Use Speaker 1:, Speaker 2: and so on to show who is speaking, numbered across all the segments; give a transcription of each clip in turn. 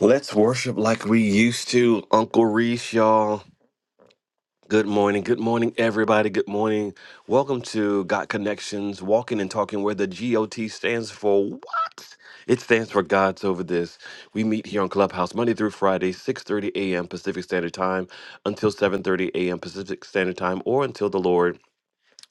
Speaker 1: Let's worship like we used to, Uncle Reese, y'all. Good morning. Good morning, everybody. Good morning. Welcome to Got Connections, Walking and Talking, where the GOT stands for what? It stands for God's Over This. We meet here on Clubhouse Monday through Friday, 6.30 a.m. Pacific Standard Time until 7.30 a.m. Pacific Standard Time or until the Lord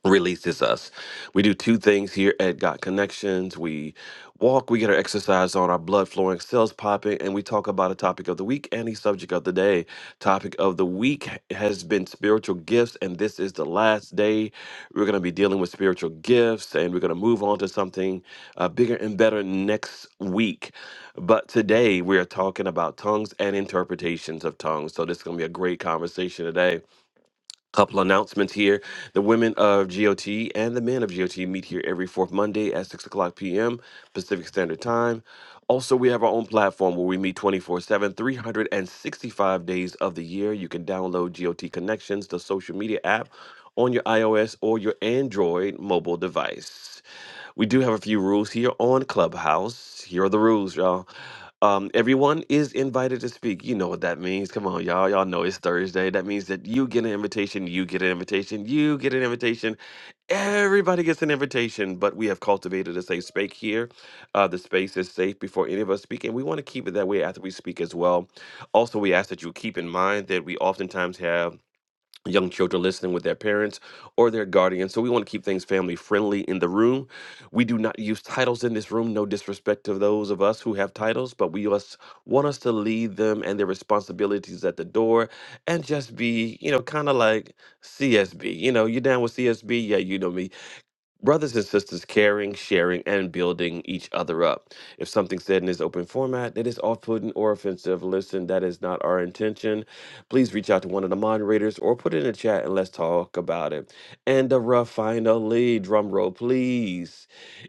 Speaker 1: releases us. We do two things here at Got Connections. We walk, we get our exercise on, our blood flowing, cells popping, and we talk about a topic of the week and a subject of the day. Topic of the week has been spiritual gifts, and this is the last day we're going to be dealing with spiritual gifts, and we're going to move on to something uh, bigger and better next week. But today we are talking about tongues and interpretations of tongues. So this is going to be a great conversation today. Couple announcements here. The women of GOT and the men of GOT meet here every fourth Monday at 6 o'clock p.m. Pacific Standard Time. Also, we have our own platform where we meet 24 7, 365 days of the year. You can download GOT Connections, the social media app, on your iOS or your Android mobile device. We do have a few rules here on Clubhouse. Here are the rules, y'all. Um, everyone is invited to speak. You know what that means. Come on, y'all. Y'all know it's Thursday. That means that you get an invitation, you get an invitation, you get an invitation. Everybody gets an invitation, but we have cultivated a safe space here. Uh, the space is safe before any of us speak, and we want to keep it that way after we speak as well. Also, we ask that you keep in mind that we oftentimes have young children listening with their parents or their guardians. So we want to keep things family friendly in the room. We do not use titles in this room. No disrespect to those of us who have titles, but we us want us to lead them and their responsibilities at the door and just be, you know, kind of like CSB. You know, you're down with CSB. Yeah, you know me. Brothers and sisters caring, sharing, and building each other up. If something said in this open format that is off putting or offensive, listen, that is not our intention. Please reach out to one of the moderators or put it in the chat and let's talk about it. And the rough finally, drum roll, please.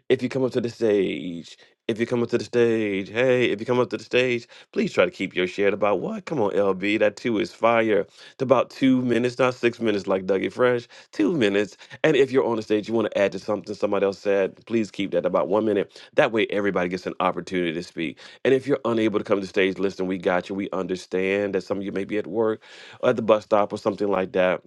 Speaker 1: If you come up to the stage, if you come up to the stage, hey, if you come up to the stage, please try to keep your share to about what? Come on, LB, that two is fire. To about two minutes, not six minutes like Dougie Fresh. Two minutes and if you're on the stage, you want to add to something somebody else said, please keep that about one minute. That way, everybody gets an opportunity to speak. And if you're unable to come to the stage, listen, we got you. We understand that some of you may be at work, or at the bus stop, or something like that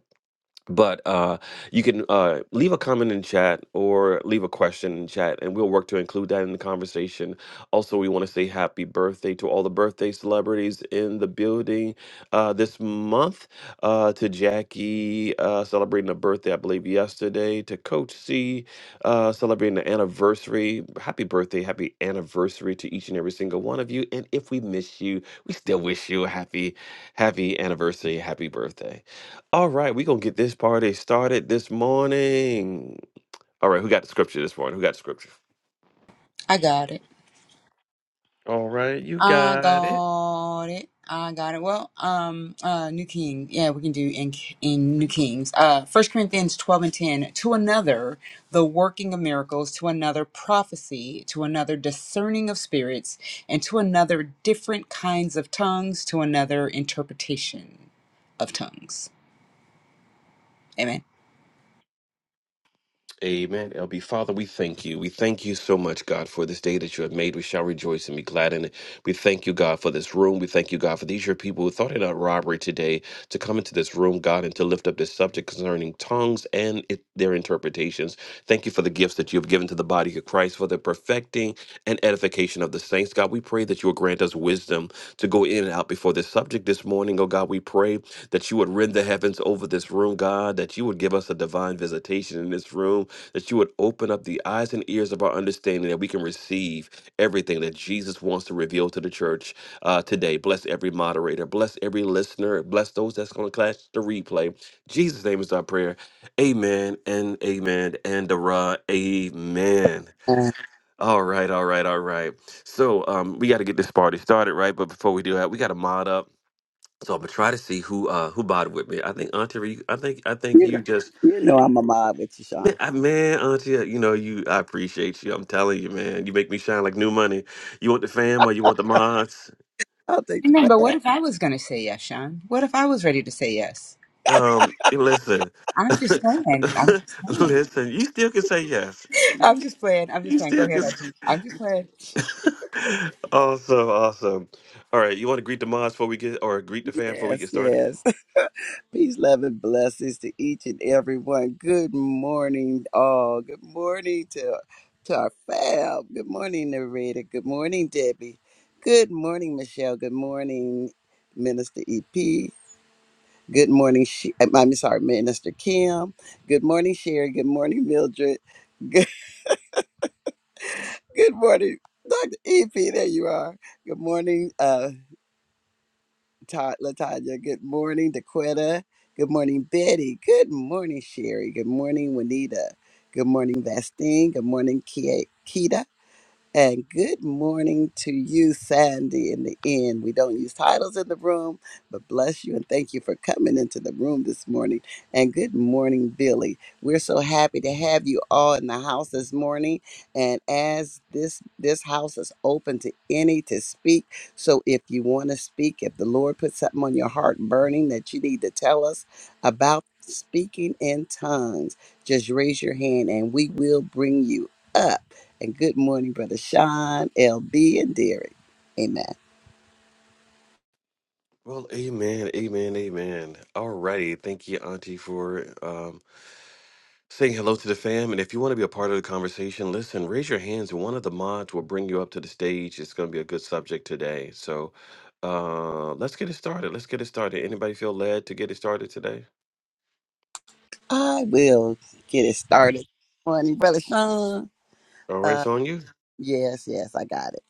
Speaker 1: but uh, you can uh, leave a comment in chat or leave a question in chat, and we'll work to include that in the conversation. Also, we want to say happy birthday to all the birthday celebrities in the building uh, this month. Uh, to Jackie, uh, celebrating a birthday, I believe, yesterday. To Coach C, uh, celebrating the anniversary. Happy birthday, happy anniversary to each and every single one of you. And if we miss you, we still wish you a happy, happy anniversary, happy birthday. All right, we're gonna get this party started this morning. All right, who got the scripture this morning? Who got the scripture?
Speaker 2: I got it.
Speaker 1: All right, you
Speaker 2: I
Speaker 1: got it.
Speaker 2: got it. I got it. Well, um, uh, New King. Yeah, we can do in in New Kings. Uh, First Corinthians twelve and ten. To another, the working of miracles. To another, prophecy. To another, discerning of spirits, and to another, different kinds of tongues. To another, interpretation of tongues. Amen.
Speaker 1: Amen. LB, Father, we thank you. We thank you so much, God, for this day that you have made. We shall rejoice and be glad in it. We thank you, God, for this room. We thank you, God, for these your people who thought it not robbery today to come into this room, God, and to lift up this subject concerning tongues and it, their interpretations. Thank you for the gifts that you have given to the body of Christ, for the perfecting and edification of the saints. God, we pray that you will grant grant us wisdom to go in and out before this subject this morning. Oh God, we pray that you would rend the heavens over this room, God, that you would give us a divine visitation in this room, that you would open up the eyes and ears of our understanding that we can receive everything that Jesus wants to reveal to the church uh, today. Bless every moderator, bless every listener, bless those that's going to catch the replay. Jesus' name is our prayer. Amen and amen and a amen.
Speaker 3: Uh,
Speaker 1: All right, all right, all right. So um, we got to get this party started, right? But before we do that, we got to mod up. So I'm gonna try to see who uh who bought with me. I think Auntie, Ree- I think I think
Speaker 3: You
Speaker 1: you
Speaker 3: know,
Speaker 1: just
Speaker 3: you know I'm a mob with you,
Speaker 1: man,
Speaker 3: Sean.
Speaker 1: I- man, Auntie, you know you. I appreciate you. I'm telling you, man, you make me shine like new money. You want the fam or you want the mods?
Speaker 3: I'll take the
Speaker 2: Amen. But what
Speaker 3: fab.
Speaker 2: if I was going to say yes, Sean? What if I was ready to say yes?
Speaker 1: Um, listen,
Speaker 2: I'm just saying. I'm just saying.
Speaker 1: listen. You still can say yes.
Speaker 2: I'm just playing. I'm just
Speaker 1: You
Speaker 2: playing. Go
Speaker 1: still
Speaker 2: ahead,
Speaker 1: can.
Speaker 2: Archie. I'm just playing.
Speaker 1: awesome, awesome. All right, you want to greet the mods before we get, or greet the fam before we get
Speaker 3: Yes,
Speaker 1: started?
Speaker 3: yes. Peace, love, and blessings to each and every one. Good morning, all. Good morning to, to our fab. Good morning, narrator. Good morning, Debbie. Good morning, Michelle. Good morning, Minister EP. Good morning, she- I'm sorry, Minister Kim. Good morning, Sherry. Good morning, Mildred. Good, good morning, Dr. EP. There you are. Good morning. uh, Ta- Latanya. Good morning, Daquetta. Good morning, Betty. Good morning, Sherry. Good morning, Juanita. Good morning, Vastine. Good morning, Kia- Keita. And good morning to you, Sandy, in the end. We don't use titles in the room, but bless you and thank you for coming into the room this morning. And good morning, Billy. We're so happy to have you all in the house this morning. And as this this house is open to any to speak. So if you want to speak, if the Lord put something on your heart burning that you need to tell us about speaking in tongues, just raise your hand and we will bring you up. And good morning, Brother Sean, LB, and Derek. Amen.
Speaker 1: Well, amen, amen, amen. All righty, thank you, Auntie, for um, saying hello to the fam. And if you want to be a part of the conversation, listen, raise your hands, and one of the mods will bring you up to the stage. It's going to be a good subject today. So uh, let's get it started. Let's get it started. Anybody feel led to get it started today?
Speaker 3: I will get it started. Morning, Brother Sean.
Speaker 1: All right, it's
Speaker 3: Uh,
Speaker 1: on you.
Speaker 3: yes, yes, I got it.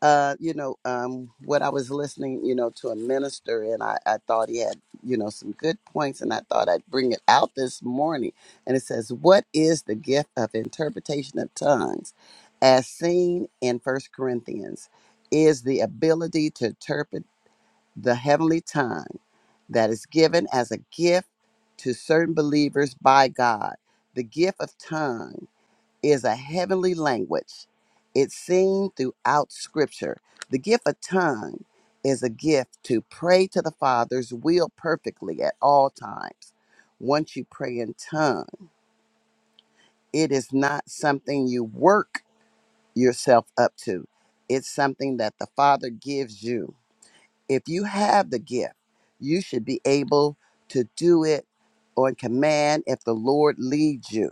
Speaker 3: Uh, you know, um, what I was listening, you know, to a minister, and I, I thought he had, you know, some good points, and I thought I'd bring it out this morning. And it says, What is the gift of interpretation of tongues? As seen in First Corinthians, is the ability to interpret the heavenly tongue that is given as a gift to certain believers by God. The gift of tongue is a heavenly language. It's seen throughout scripture. The gift of tongue is a gift to pray to the Father's will perfectly at all times. Once you pray in tongue, it is not something you work yourself up to. It's something that the Father gives you if you have the gift, you should be able to do it on command if the Lord leads you.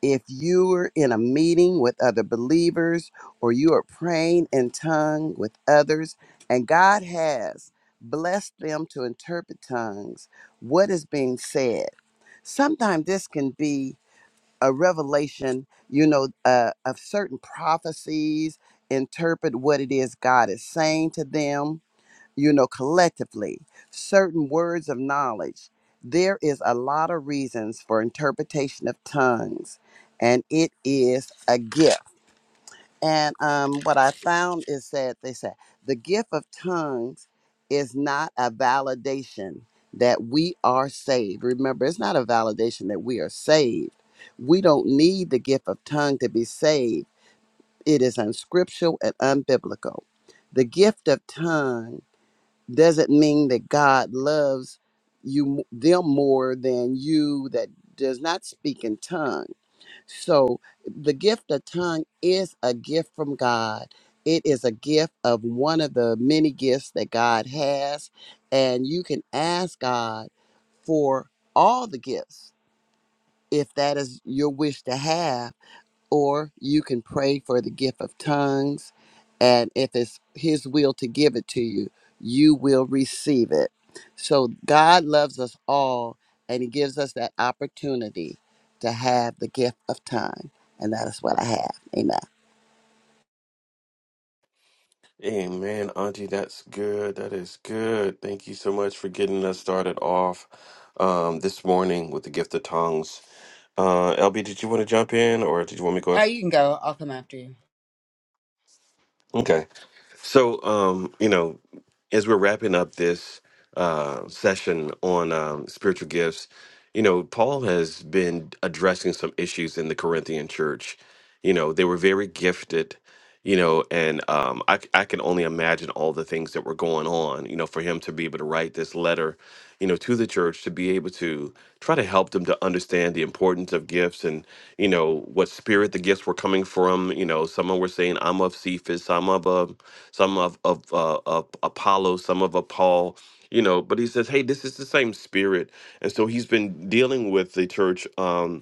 Speaker 3: If you are in a meeting with other believers or you are praying in tongue with others and God has blessed them to interpret tongues, what is being said? Sometimes this can be a revelation, you know, uh, of certain prophecies, interpret what it is God is saying to them you know, collectively, certain words of knowledge. There is a lot of reasons for interpretation of tongues, and it is a gift. And um, what I found is that they said the gift of tongues is not a validation that we are saved. Remember, it's not a validation that we are saved. We don't need the gift of tongue to be saved. It is unscriptural and unbiblical. The gift of tongue doesn't mean that God loves you m- them more than you that does not speak in tongue. So the gift of tongue is a gift from God. It is a gift of one of the many gifts that God has and you can ask God for all the gifts if that is your wish to have or you can pray for the gift of tongues. And if it's His will to give it to you, you will receive it. So God loves us all, and He gives us that opportunity to have the gift of time. And that is what I have. Amen.
Speaker 1: Amen, Auntie. That's good. That is good. Thank you so much for getting us started off um, this morning with the gift of tongues. Uh, LB, did you want to jump in or did you want me to go?
Speaker 2: All
Speaker 1: af-
Speaker 2: right, you can go. I'll come after you.
Speaker 1: Okay. So, um, you know, as we're wrapping up this uh, session on um, spiritual gifts, you know, Paul has been addressing some issues in the Corinthian church. You know, they were very gifted you know and um, I, c- I can only imagine all the things that were going on you know for him to be able to write this letter you know to the church to be able to try to help them to understand the importance of gifts and you know what spirit the gifts were coming from you know some were saying i'm of cephas some of uh, some of of, uh, of apollo some of a paul you know but he says hey this is the same spirit and so he's been dealing with the church um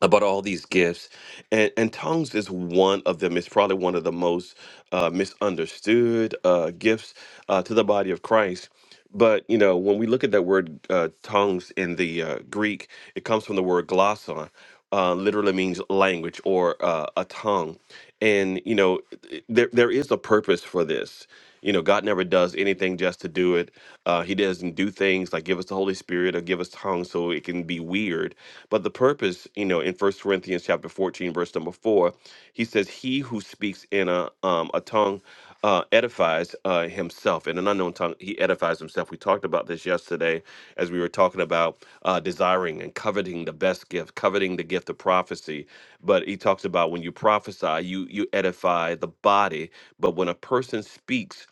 Speaker 1: about all these gifts and, and tongues is one of them it's probably one of the most uh, misunderstood uh, gifts uh, to the body of christ but you know when we look at that word uh, tongues in the uh, greek it comes from the word glossa uh, literally means language or uh, a tongue and you know th- there, there is a purpose for this you know god never does anything just to do it uh, he doesn't do things like give us the holy spirit or give us tongues so it can be weird but the purpose, you know, in First Corinthians chapter 14, verse number four, he says, He who speaks in a um a tongue uh edifies uh himself. In an unknown tongue, he edifies himself. We talked about this yesterday as we were talking about uh desiring and coveting the best gift, coveting the gift of prophecy. But he talks about when you prophesy, you you edify the body. But when a person speaks,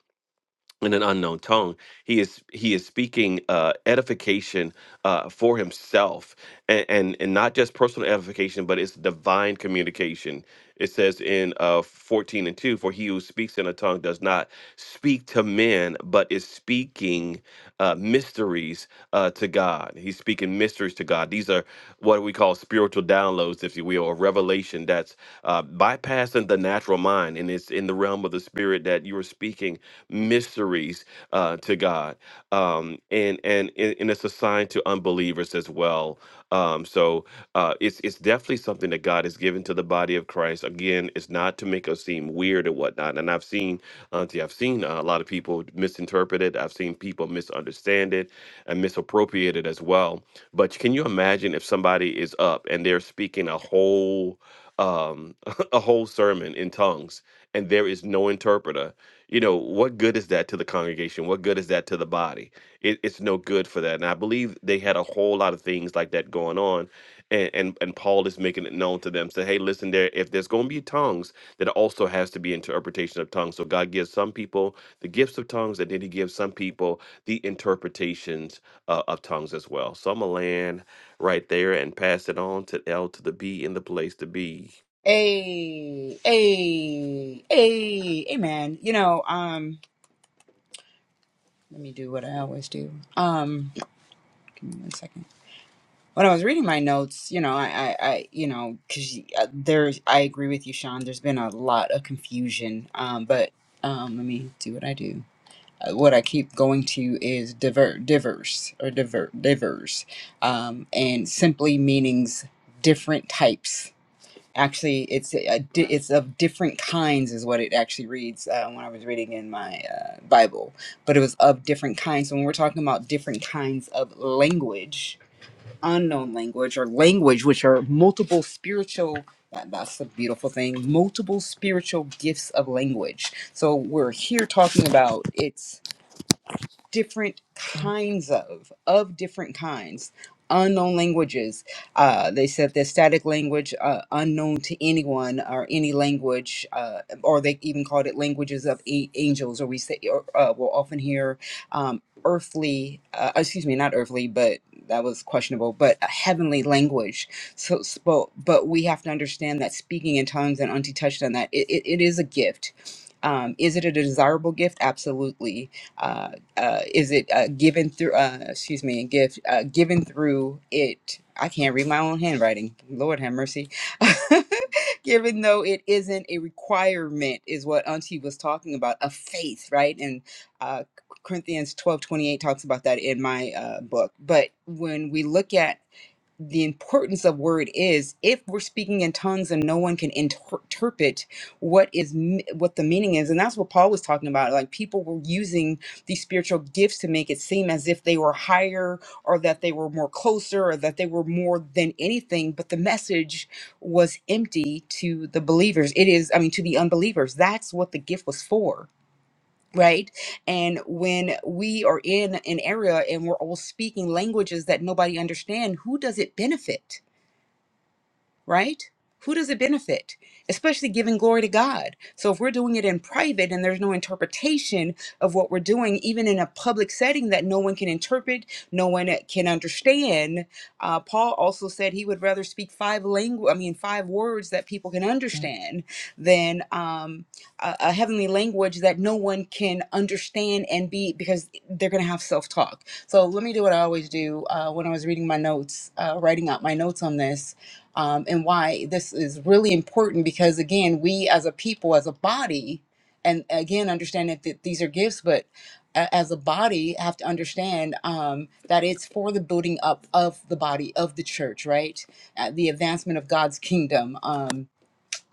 Speaker 1: in an unknown tongue he is he is speaking uh edification uh for himself and and, and not just personal edification but it's divine communication it says in uh 14 and 2 for he who speaks in a tongue does not speak to men but is speaking speaking uh, mysteries uh, to God. He's speaking mysteries to God. These are what we call spiritual downloads, if you will, or revelation that's uh, bypassing the natural mind. And it's in the realm of the spirit that you are speaking mysteries uh, to God. Um, and, and, and and it's assigned to unbelievers as well. Um, so uh, it's it's definitely something that God has given to the body of Christ. Again, it's not to make us seem weird or whatnot. And I've seen, Auntie, I've seen uh, a lot of people misinterpret it. I've seen people misunderstand it and misappropriate it as well. But can you imagine if somebody is up and they're speaking a whole um, a whole sermon in tongues and there is no interpreter? You know, what good is that to the congregation? What good is that to the body? it, it's no good for that. And I believe they had a whole lot of things like that going on. And, and and Paul is making it known to them. Say, hey, listen, there if there's gonna be tongues, there also has to be interpretation of tongues. So God gives some people the gifts of tongues, and then he gives some people the interpretations uh, of tongues as well. So I'm gonna land right there and pass it on to L to the B in the place to be.
Speaker 2: Hey, hey, hey, hey, man. You know, um, let me do what I always do. Um, give me one second. When I was reading my notes, you know, I, I, I you know, because there's, I agree with you, Sean. There's been a lot of confusion. Um, but um, let me do what I do. what I keep going to is diver, diverse or diver, diverse, um, and simply meanings different types. Actually, it's a, di- it's of different kinds is what it actually reads uh, when I was reading in my uh, Bible, but it was of different kinds. So when we're talking about different kinds of language, unknown language or language, which are multiple spiritual. That, that's the beautiful thing. Multiple spiritual gifts of language. So we're here talking about it's different kinds of of different kinds unknown languages uh, they said that static language uh, unknown to anyone or any language uh, or they even called it languages of a- angels or we say or, uh, we'll often hear um, earthly uh, excuse me not earthly but that was questionable but a heavenly language so, so but, but we have to understand that speaking in tongues and auntie touched on that it, it, it is a gift um, is it a desirable gift absolutely Uh, uh, is it uh, given through? Uh, excuse me, a gift uh, given through it. I can't read my own handwriting. Lord have mercy. given though it isn't a requirement, is what Auntie was talking about. A faith, right? And uh, Corinthians twelve twenty eight talks about that in my uh, book. But when we look at the importance of word is if we're speaking in tongues and no one can inter- interpret what is m- what the meaning is and that's what paul was talking about like people were using these spiritual gifts to make it seem as if they were higher or that they were more closer or that they were more than anything but the message was empty to the believers it is i mean to the unbelievers that's what the gift was for right and when we are in an area and we're all speaking languages that nobody understand who does it benefit right? Who does it benefit? Especially giving glory to God. So if we're doing it in private and there's no interpretation of what we're doing, even in a public setting that no one can interpret, no one can understand. Uh, Paul also said he would rather speak five language, I mean, five words that people can understand than um, a, a heavenly language that no one can understand and be because they're going to have self talk. So let me do what I always do uh, when I was reading my notes, uh, writing out my notes on this um, and why this is really important because again we as a people as a body and again understand that th- these are gifts but a- as a body have to understand um, that it's for the building up of the body of the church right Uh, the advancement of god's kingdom Um,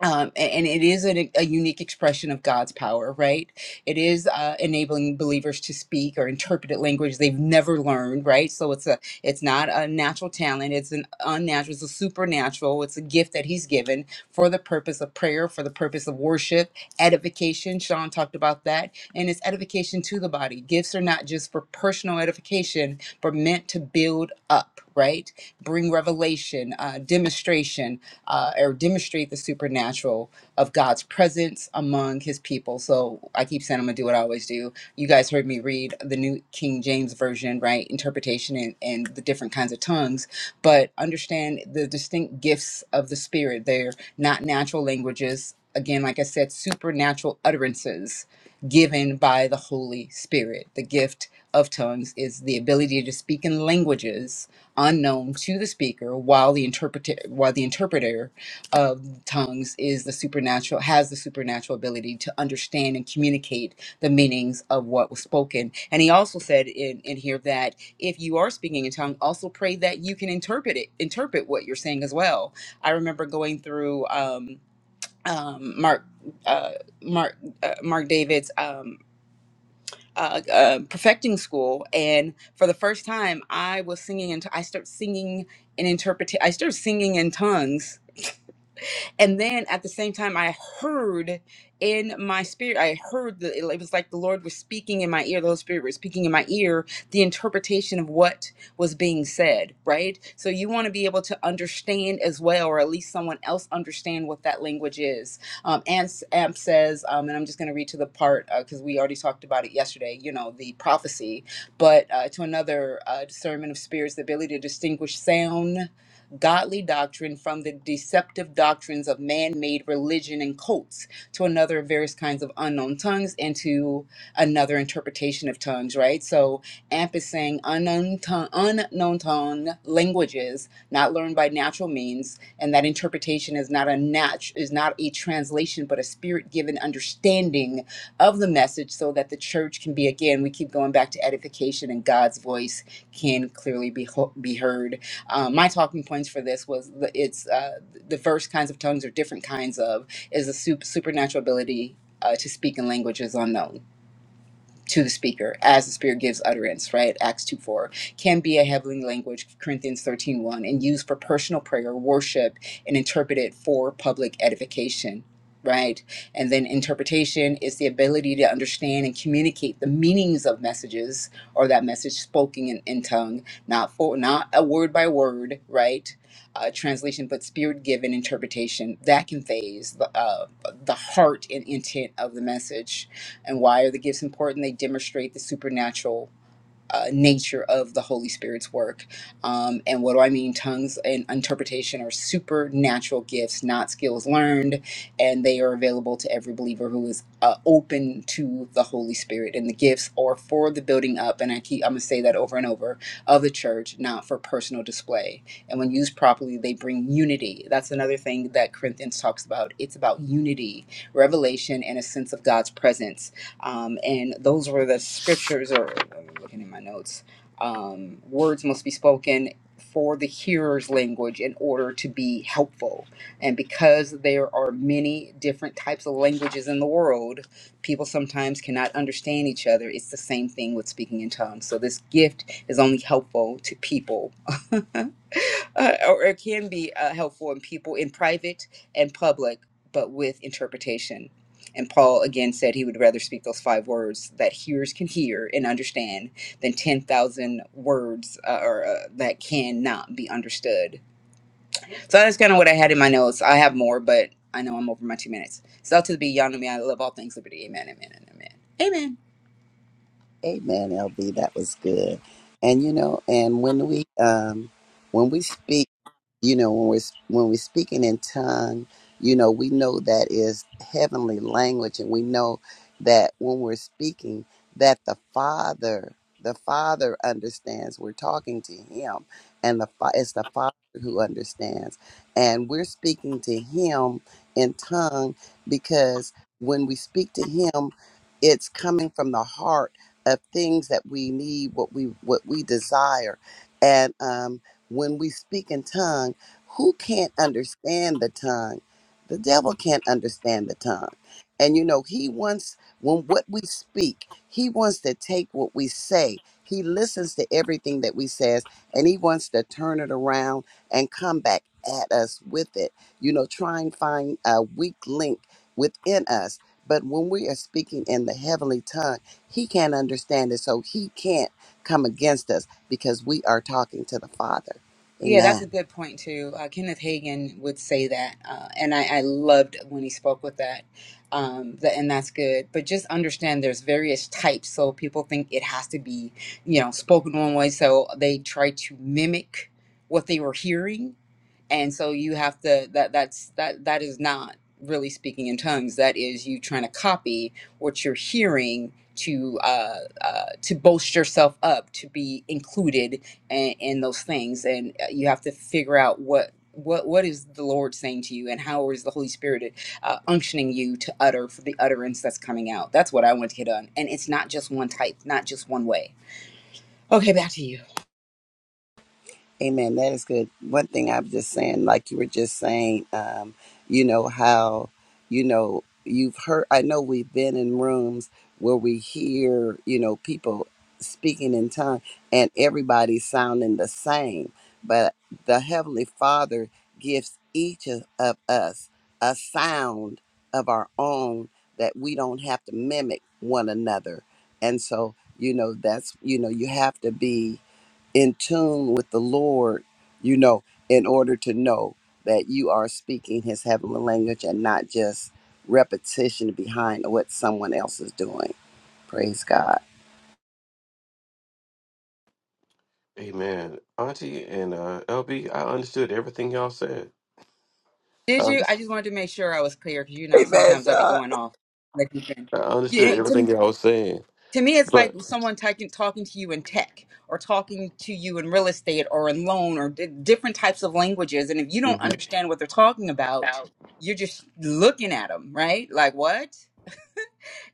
Speaker 2: um, a- and it is a, a unique expression of God's power, right? It is uh, enabling believers to speak or interpret a language they've never learned, right? So it's a, it's not a natural talent; it's an unnatural, it's a supernatural. It's a gift that He's given for the purpose of prayer, for the purpose of worship, edification. Sean talked about that, and it's edification to the body. Gifts are not just for personal edification, but meant to build up, right? bring revelation, uh, demonstration, uh, or demonstrate the supernatural of God's presence among his people. So I keep saying I'm going to do what I always do. You guys heard me read the New King James Version, right? Interpretation and, and the different kinds of tongues, but understand the distinct gifts of the Spirit. They're not natural languages. Again, like I said, supernatural utterances given by the Holy Spirit. The gift of tongues is the ability to speak in languages unknown to the speaker while the interpreter while the interpreter of tongues is the supernatural has the supernatural ability to understand and communicate the meanings of what was spoken and he also said in, in here that if you are speaking in tongue also pray that you can interpret it interpret what you're saying as well i remember going through um um mark uh mark uh, mark david's um uh, uh, perfecting school, and for the first time, I was singing and I started singing and interpret. I started singing in tongues and then at the same time, I heard in my spirit, I heard the, it was like the Lord was speaking in my ear, the Holy Spirit was speaking in my ear, the interpretation of what was being said, right? So you want to be able to understand as well, or at least someone else understand what that language is. Um, and Amp says, um, and I'm just going to read to the part because we already talked about it yesterday, you know, the prophecy, but uh, to another uh, discernment of spirits, the ability to distinguish sound godly doctrine from the deceptive doctrines of man made religion and cults to another various kinds of unknown tongues and to another interpretation of tongues, right? So AMP is saying unknown tongue, unknown tongue languages not learned by natural means, and that interpretation is not a nat- is not a translation but a spirit given understanding of the message so that the church can be again we keep going back to edification and God's voice can clearly be ho- be heard um, my talking points for this was the, it's uh, the first kinds of tongues or different kinds of is a sup- supernatural ability uh, to speak in languages unknown to the speaker as the spirit gives utterance right acts 2 4 can be a heavenly language corinthians thirteen one, and used for personal prayer worship and interpreted for public edification right and then interpretation is the ability to understand and communicate the meanings of messages or that message spoken in, in tongue not for not a word by word right uh, translation but spirit given interpretation that conveys the, uh, the heart and intent of the message and why are the gifts important? They demonstrate the supernatural uh, nature of the Holy Spirit's work. Um, and what do I mean? Tongues and interpretation are supernatural gifts, not skills learned, and they are available to every believer who is uh, open to the Holy Spirit. And the gifts are for the building up, and I keep I'm gonna say that over and over of the church, not for personal display. And when used properly, they bring unity. That's another thing that Corinthians talks about. It's about unity, revelation, and a sense of God's presence um, and those were the scriptures or I'm looking in my notes um, words must be spoken for the hearer's language in order to be helpful and because there are many different types of languages in the world people sometimes cannot understand each other it's the same thing with speaking in tongues so this gift is only helpful to people uh, or it can be uh, helpful in people in private and public, but with interpretation. And Paul again said he would rather speak those five words that hearers can hear and understand than 10,000 words uh, or, uh, that cannot be understood. So that's kind of what I had in my notes. I have more, but I know I'm over my two minutes. So to the beyond me, I love all things liberty. Amen, amen, and amen. Amen.
Speaker 3: Amen, LB. That was good. And you know, and when we um when we speak. you know when we're when we're speaking in tongue you know we know that is heavenly language and we know that when we're speaking that the father the father understands we're talking to him and the Fa- it's the father who understands and we're speaking to him in tongue because when we speak to him it's coming from the heart of things that we need what we what we desire and um when we speak in tongue, who can't understand the tongue? The devil can't understand the tongue. And you know, he wants when what we speak, he wants to take what we say. He listens to everything that we says and he wants to turn it around and come back at us with it. You know, try and find a weak link within us. But when we are speaking in the heavenly tongue, he can't understand it. So he can't come against us because we are talking to the Father.
Speaker 2: Yeah, that's
Speaker 3: Amen.
Speaker 2: a good point too. Uh, Kenneth Hagin would say that, uh, and I, I loved when he spoke with that. Um, that and that's good. But just understand there's various types, so people think it has to be, you know, spoken one way, so they try to mimic what they were hearing and so you have to that that's that that is not really speaking in tongues that is you trying to copy what you're hearing to uh, uh to boast yourself up to be included in, in those things and uh, you have to figure out what what what is the lord saying to you and how is the holy spirit uh, unctioning you to utter for the utterance that's coming out that's what i want to get done and it's not just one type not just one way okay back to you
Speaker 3: Amen. That is good. One thing I was just saying, like you were just saying, um, you know, how, you know, you've heard, I know we've been in rooms where we hear, you know, people speaking in tongues and everybody sounding the same. But the Heavenly Father gives each of, of us a sound of our own that we don't have to mimic one another. And so, you know, that's, you know, you have to be in tune with the Lord, you know, in order to know that you are speaking his heavenly language and not just repetition behind what someone else is doing. Praise God.
Speaker 1: Amen. Auntie and uh, LB, I understood everything y'all said.
Speaker 2: Did
Speaker 1: I,
Speaker 2: you? I just wanted to make sure I was clear because you know
Speaker 3: Amen,
Speaker 2: sometimes I'd be
Speaker 3: Sean.
Speaker 2: going off. Like you can.
Speaker 1: I understood
Speaker 2: Yeah,
Speaker 1: everything
Speaker 2: to,
Speaker 1: y'all was saying.
Speaker 2: to me, it's
Speaker 1: But
Speaker 2: like someone talking talking to you in tech or talking to you in real estate or in loan or di different types of languages. And if you don't understand what they're talking about, you're just looking at them, right? Like what?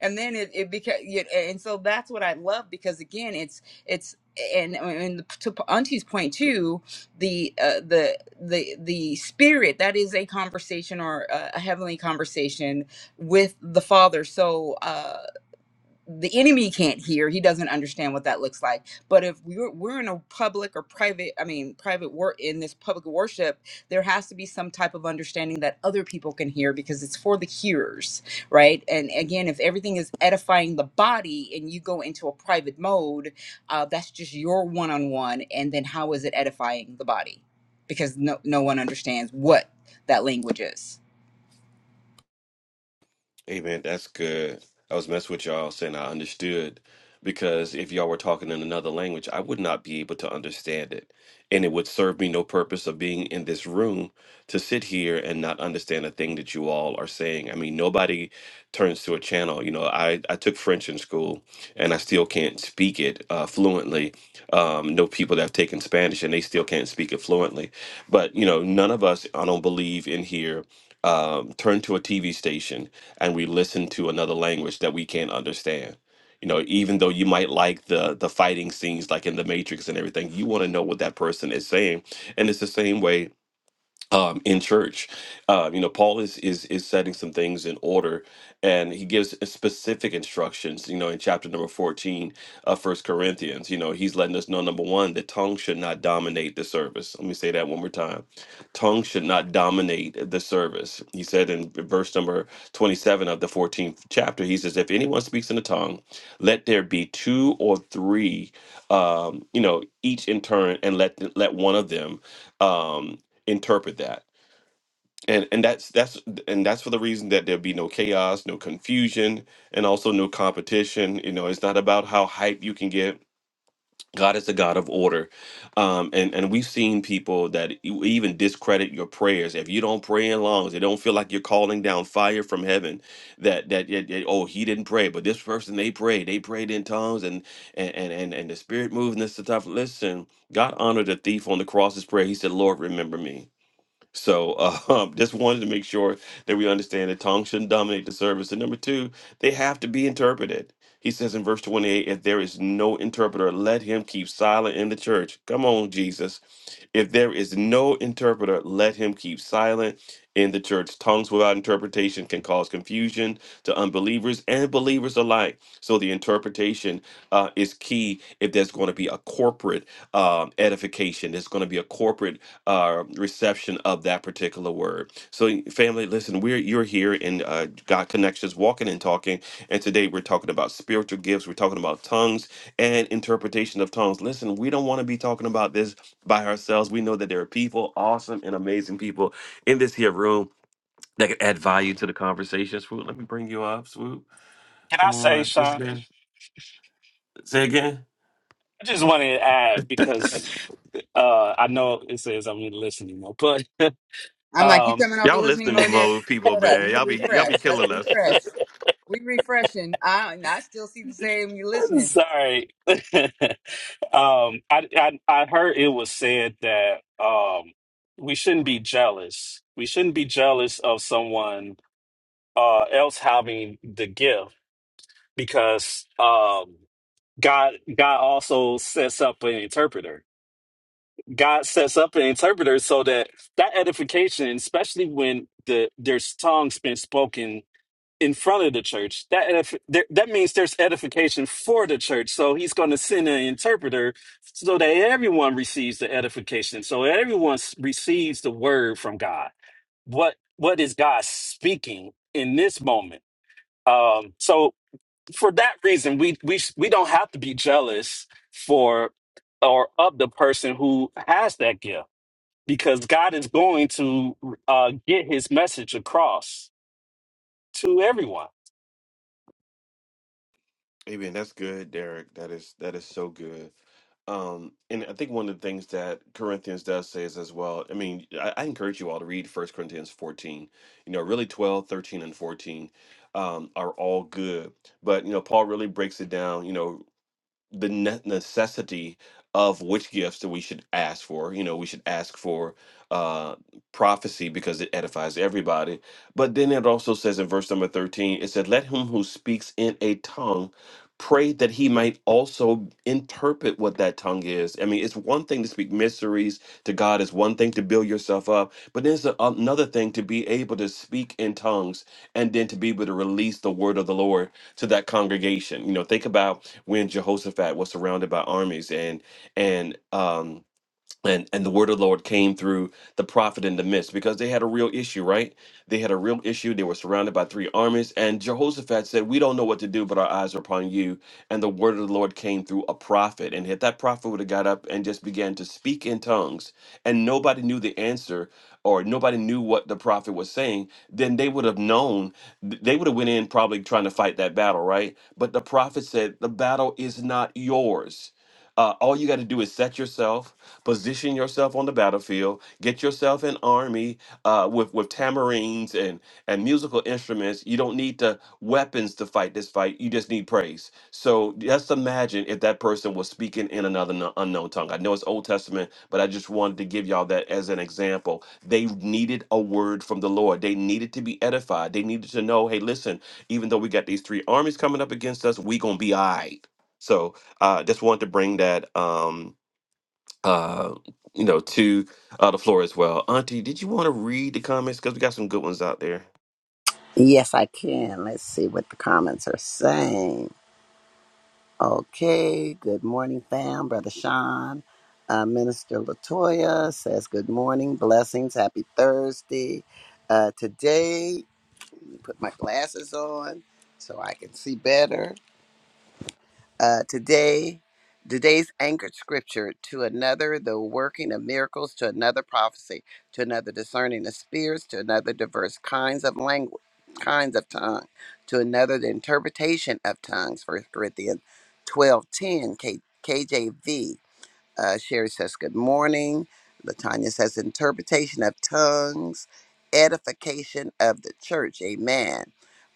Speaker 2: and then it, it became and so that's what i love because again it's it's and and to auntie's point too the uh, the the the spirit that is a conversation or a, a heavenly conversation with the father so uh, the enemy can't hear he doesn't understand what that looks like but if we're, we're in a public or private i mean private work in this public worship there has to be some type of understanding that other people can hear because it's for the hearers right and again if everything is edifying the body and you go into a private mode uh, that's just your one-on-one and then how is it edifying the body because no, no one understands what that language is
Speaker 1: Hey man, that's good. I was messing with y'all saying I understood because if y'all were talking in another language, I would not be able to understand it. And it would serve me no purpose of being in this room to sit here and not understand a thing that you all are saying. I mean, nobody turns to a channel. You know, I, I took French in school and I still can't speak it uh, fluently. Um, know people that have taken Spanish and they still can't speak it fluently. But, you know, none of us, I don't believe in here um, turn to a TV station and we listen to another language that we can't understand. You know, even though you might like the the fighting scenes, like in The Matrix and everything, you want to know what that person is saying. And it's the same way um, in church. Uh, you know, Paul is is is setting some things in order, and he gives specific instructions. You know, in chapter number fourteen of First Corinthians, you know, he's letting us know number one that tongue should not dominate the service. Let me say that one more time: tongue should not dominate the service. He said in verse number twenty-seven of the fourteenth chapter, he says, "If anyone speaks in a tongue, let there be two or three, um, you know, each in turn, and let let one of them." Um, interpret that and and that's that's and that's for the reason that there'll be no chaos no confusion and also no competition you know it's not about how hype you can get god is the god of order um and and we've seen people that e- even discredit your prayers if you don't pray in longs they don't feel like you're calling down fire from heaven that that, that that, oh he didn't pray but this person they prayed they prayed in tongues and and and and, and the spirit moved and this stuff listen god honored the thief on the cross's prayer he said lord remember me so uh, um, just wanted to make sure that we understand that tongues shouldn't dominate the service. And number two, they have to be interpreted. He says in verse 28, if there is no interpreter, let him keep silent in the church. Come on, Jesus. If there is no interpreter, let him keep silent in the church. Tongues without interpretation can cause confusion to unbelievers and believers alike. So the interpretation uh, is key if there's going to be a corporate um, edification, there's going to be a corporate uh, reception of that particular word. So, family, listen, we're you're here in uh, God Connections, walking and talking, and today we're talking about spiritual gifts. We're talking about tongues and interpretation of tongues. Listen, we don't want to be talking about this by ourselves. We know that there are people, awesome and amazing people, in this here room that can add value to the conversation. Swoop, let me bring you up. Swoop,
Speaker 4: Can I
Speaker 1: come
Speaker 4: say,
Speaker 1: on,
Speaker 4: Sean?
Speaker 1: Mr. Dash. Say again.
Speaker 4: I just wanted to add because uh, I know it says I'm really listening, anymore, but
Speaker 2: i'm like you
Speaker 4: um,
Speaker 2: coming off a
Speaker 1: Y'all
Speaker 2: listening
Speaker 1: listening
Speaker 2: mode there
Speaker 1: mode people,
Speaker 2: hold up
Speaker 1: man.
Speaker 2: let me
Speaker 1: Y'all be y'all
Speaker 2: refresh
Speaker 1: be
Speaker 2: let's
Speaker 1: killing us.
Speaker 2: refresh We refreshing. I I still see the same. You listening?
Speaker 4: sorry. um, I, I I heard it was said that um, we shouldn't be jealous. We shouldn't be jealous of someone uh, else having the gift because um, God God also sets up an interpreter God sets up an interpreter so that that edification, especially when the there's tongues been spoken in front of the church, that edif- there, that means there's edification for the church. So He's going to send an interpreter so that everyone receives the edification, so everyone s- receives the word from God. What what is God speaking in this moment? Um, so for that reason, we we we don't have to be jealous for or of the person who has that gift because God is going to uh, get his message across to everyone.
Speaker 1: Amen. That's good, Derek. That is that is so good. Um, and I think one of the things that Corinthians does say is as well. I mean, I, I encourage you all to read First Corinthians 14. You know, really 12, 13, and 14 um, are all good. But you know, Paul really breaks it down. You know, the ne- necessity of which gifts that we should ask for. You know, we should ask for uh, prophecy because it edifies everybody. But then it also says in verse number 13, it said, Let him who speaks in a tongue pray that he might also interpret what that tongue is. I mean, it's one thing to speak mysteries to God, it's one thing to build yourself up, but there's a, another thing to be able to speak in tongues and then to be able to release the word of the Lord to that congregation. You know, think about when Jehoshaphat was surrounded by armies and and um and and the word of the lord came through the prophet in the midst because they had a real issue right they had a real issue they were surrounded by three armies and jehoshaphat said we don't know what to do but our eyes are upon you and the word of the lord came through a prophet and if that prophet would have got up and just began to speak in tongues and nobody knew the answer or nobody knew what the prophet was saying then they would have known th- they would have went in probably trying to fight that battle right but the prophet said the battle is not yours uh, all you got to do is set yourself, position yourself on the battlefield, get yourself an army uh, with with tamarines and and musical instruments. You don't need the weapons to fight this fight. You just need praise. So just imagine if that person was speaking in another kno- unknown tongue. I know it's Old Testament, but I just wanted to give y'all that as an example. They needed a word from the Lord. They needed to be edified. They needed to know, hey, listen, even though we got these three armies coming up against us, we gonna be all right. So I just wanted to bring that um, uh, you know to uh, the floor as well. Auntie, did you want to read the comments because we got some good ones out there?
Speaker 3: Yes, I can. Let's see what the comments are saying. Okay. Good morning, fam. Brother Sean. Uh, Minister Latoya says, Good morning. Blessings. Happy Thursday. Uh, today, put my glasses on so I can see better. Uh, today, today's anchored scripture to another, the working of miracles, to another prophecy, to another discerning of spirits, to another diverse kinds of language, kinds of tongue, to another the interpretation of tongues. First Corinthians twelve ten K, KJV. Uh, Sherry says, Good morning. Latanya says, Interpretation of tongues, edification of the church. Amen.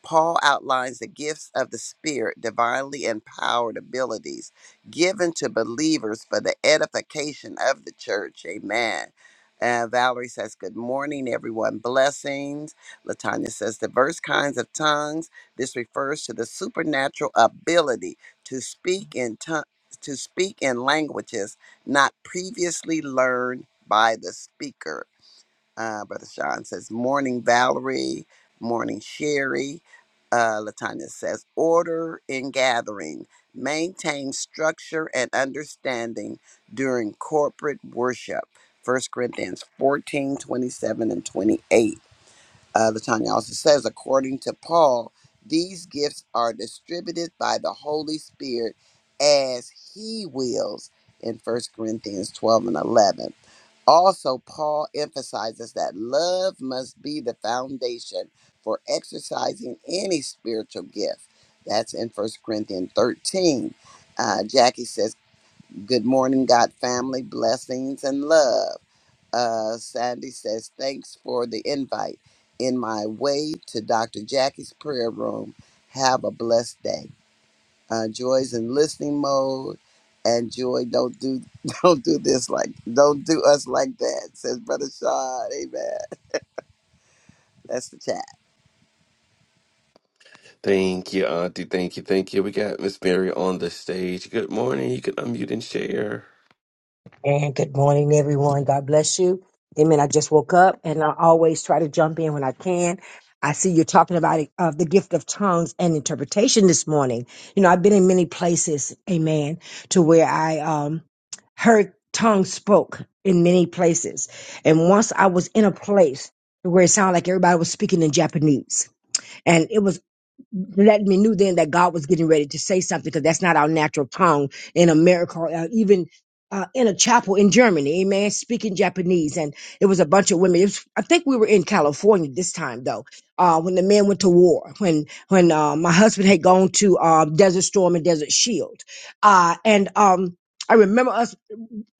Speaker 3: Paul outlines the gifts of the Spirit, divinely empowered abilities given to believers for the edification of the church. Amen. Uh, Valerie says, Good morning, everyone. Blessings. Latanya says, Diverse kinds of tongues. This refers to the supernatural ability to speak in tongues to speak in languages not previously learned by the speaker. Uh, Brother Sean says, Morning, Valerie. Morning, Sherry. Uh, Latanya says, Order in gathering. Maintain structure and understanding during corporate worship. First Corinthians fourteen twenty-seven 27 and 28 uh, Latanya also says, according to Paul, these gifts are distributed by the Holy Spirit as he wills in 1 Corinthians 12 and 11. Also, Paul emphasizes that love must be the foundation for exercising any spiritual gift. That's in 1 Corinthians 13. Uh, Jackie says, Good morning, God family, blessings and love. Uh, Sandy says, Thanks for the invite. In my way to Dr. Jackie's prayer room. Have a blessed day. Uh, Joy's in listening mode. And Joy, don't do don't do this like don't do us like that, says Brother Sean. Amen. That's the chat.
Speaker 1: Thank you, Auntie. Thank you, thank you. We got Miss Mary on the stage. Good morning. You can unmute and share.
Speaker 5: And good morning, everyone. God bless you. Amen. I just woke up and I always try to jump in when I can. I see you're talking about it, uh, the gift of tongues and interpretation this morning. You know, I've been in many places, amen, to where I um, heard tongues spoke in many places. And once I was in a place where it sounded like everybody was speaking in Japanese. And it was let me knew then that God was getting ready to say something because that's not our natural tongue in America or uh, even uh, in a chapel in Germany, amen, speaking Japanese. And it was a bunch of women. It was, I think we were in California this time though, uh, when the men went to war, when, when, uh, my husband had gone to, um, Desert Storm and Desert Shield. Uh, and, um, I remember us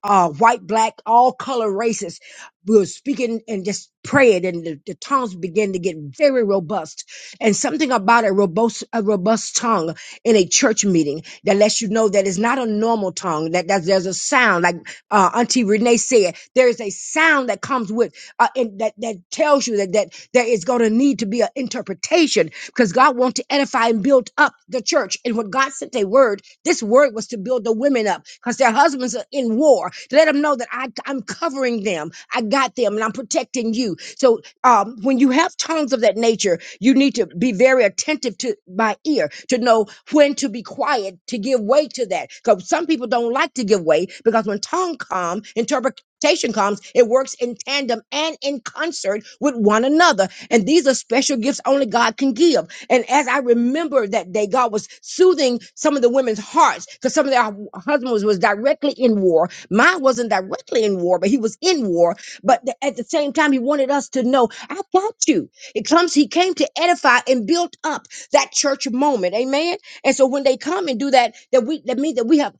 Speaker 5: uh, white, black, all color races. We were speaking and just praying, and the, the tongues began to get very robust. And something about a robust, a robust tongue in a church meeting that lets you know that it's not a normal tongue. That, that there's a sound, like uh, Auntie Renee said, there is a sound that comes with uh, in, that that tells you that that there is going to need to be an interpretation because God wants to edify and build up the church. And when God sent a word, this word was to build the women up because their husbands are in war to let them know that I, I'm covering them, I got them, and I'm protecting you. So um, when you have tongues of that nature, you need to be very attentive to my ear to know when to be quiet to give way to that. Because some people don't like to give way because when tongue come, interpretation comes, it works in tandem and in concert with one another. And these are special gifts only God can give. And as I remember that day, God was soothing some of the women's hearts because some of their husbands was directly in war. Mine wasn't directly in war, but he was in war but the- at the same time, he wanted us to know, I got you. It comes, he came to edify and build up that church moment. Amen. And so when they come and do that, that we that means that we have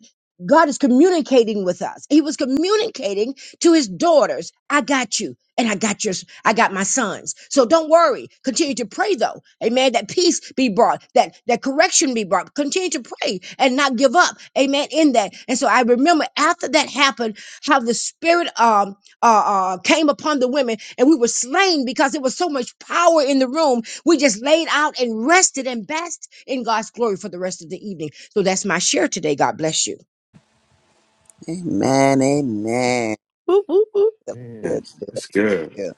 Speaker 5: God is communicating with us. He was communicating to his daughters, I got you. And I got your, I got my sons. So don't worry. Continue to pray though. Amen. That peace be brought, that, that correction be brought. Continue to pray and not give up. Amen. In that. And so I remember after that happened, how the spirit, um uh, uh, came upon the women, and we were slain because there was so much power in the room. We just laid out and rested and basked in God's glory for the rest of the evening. So that's my share today. God bless you.
Speaker 3: Amen. Amen.
Speaker 6: Whoop, whoop, whoop.
Speaker 3: That
Speaker 1: Man,
Speaker 3: was good.
Speaker 1: that's good.
Speaker 3: Yeah.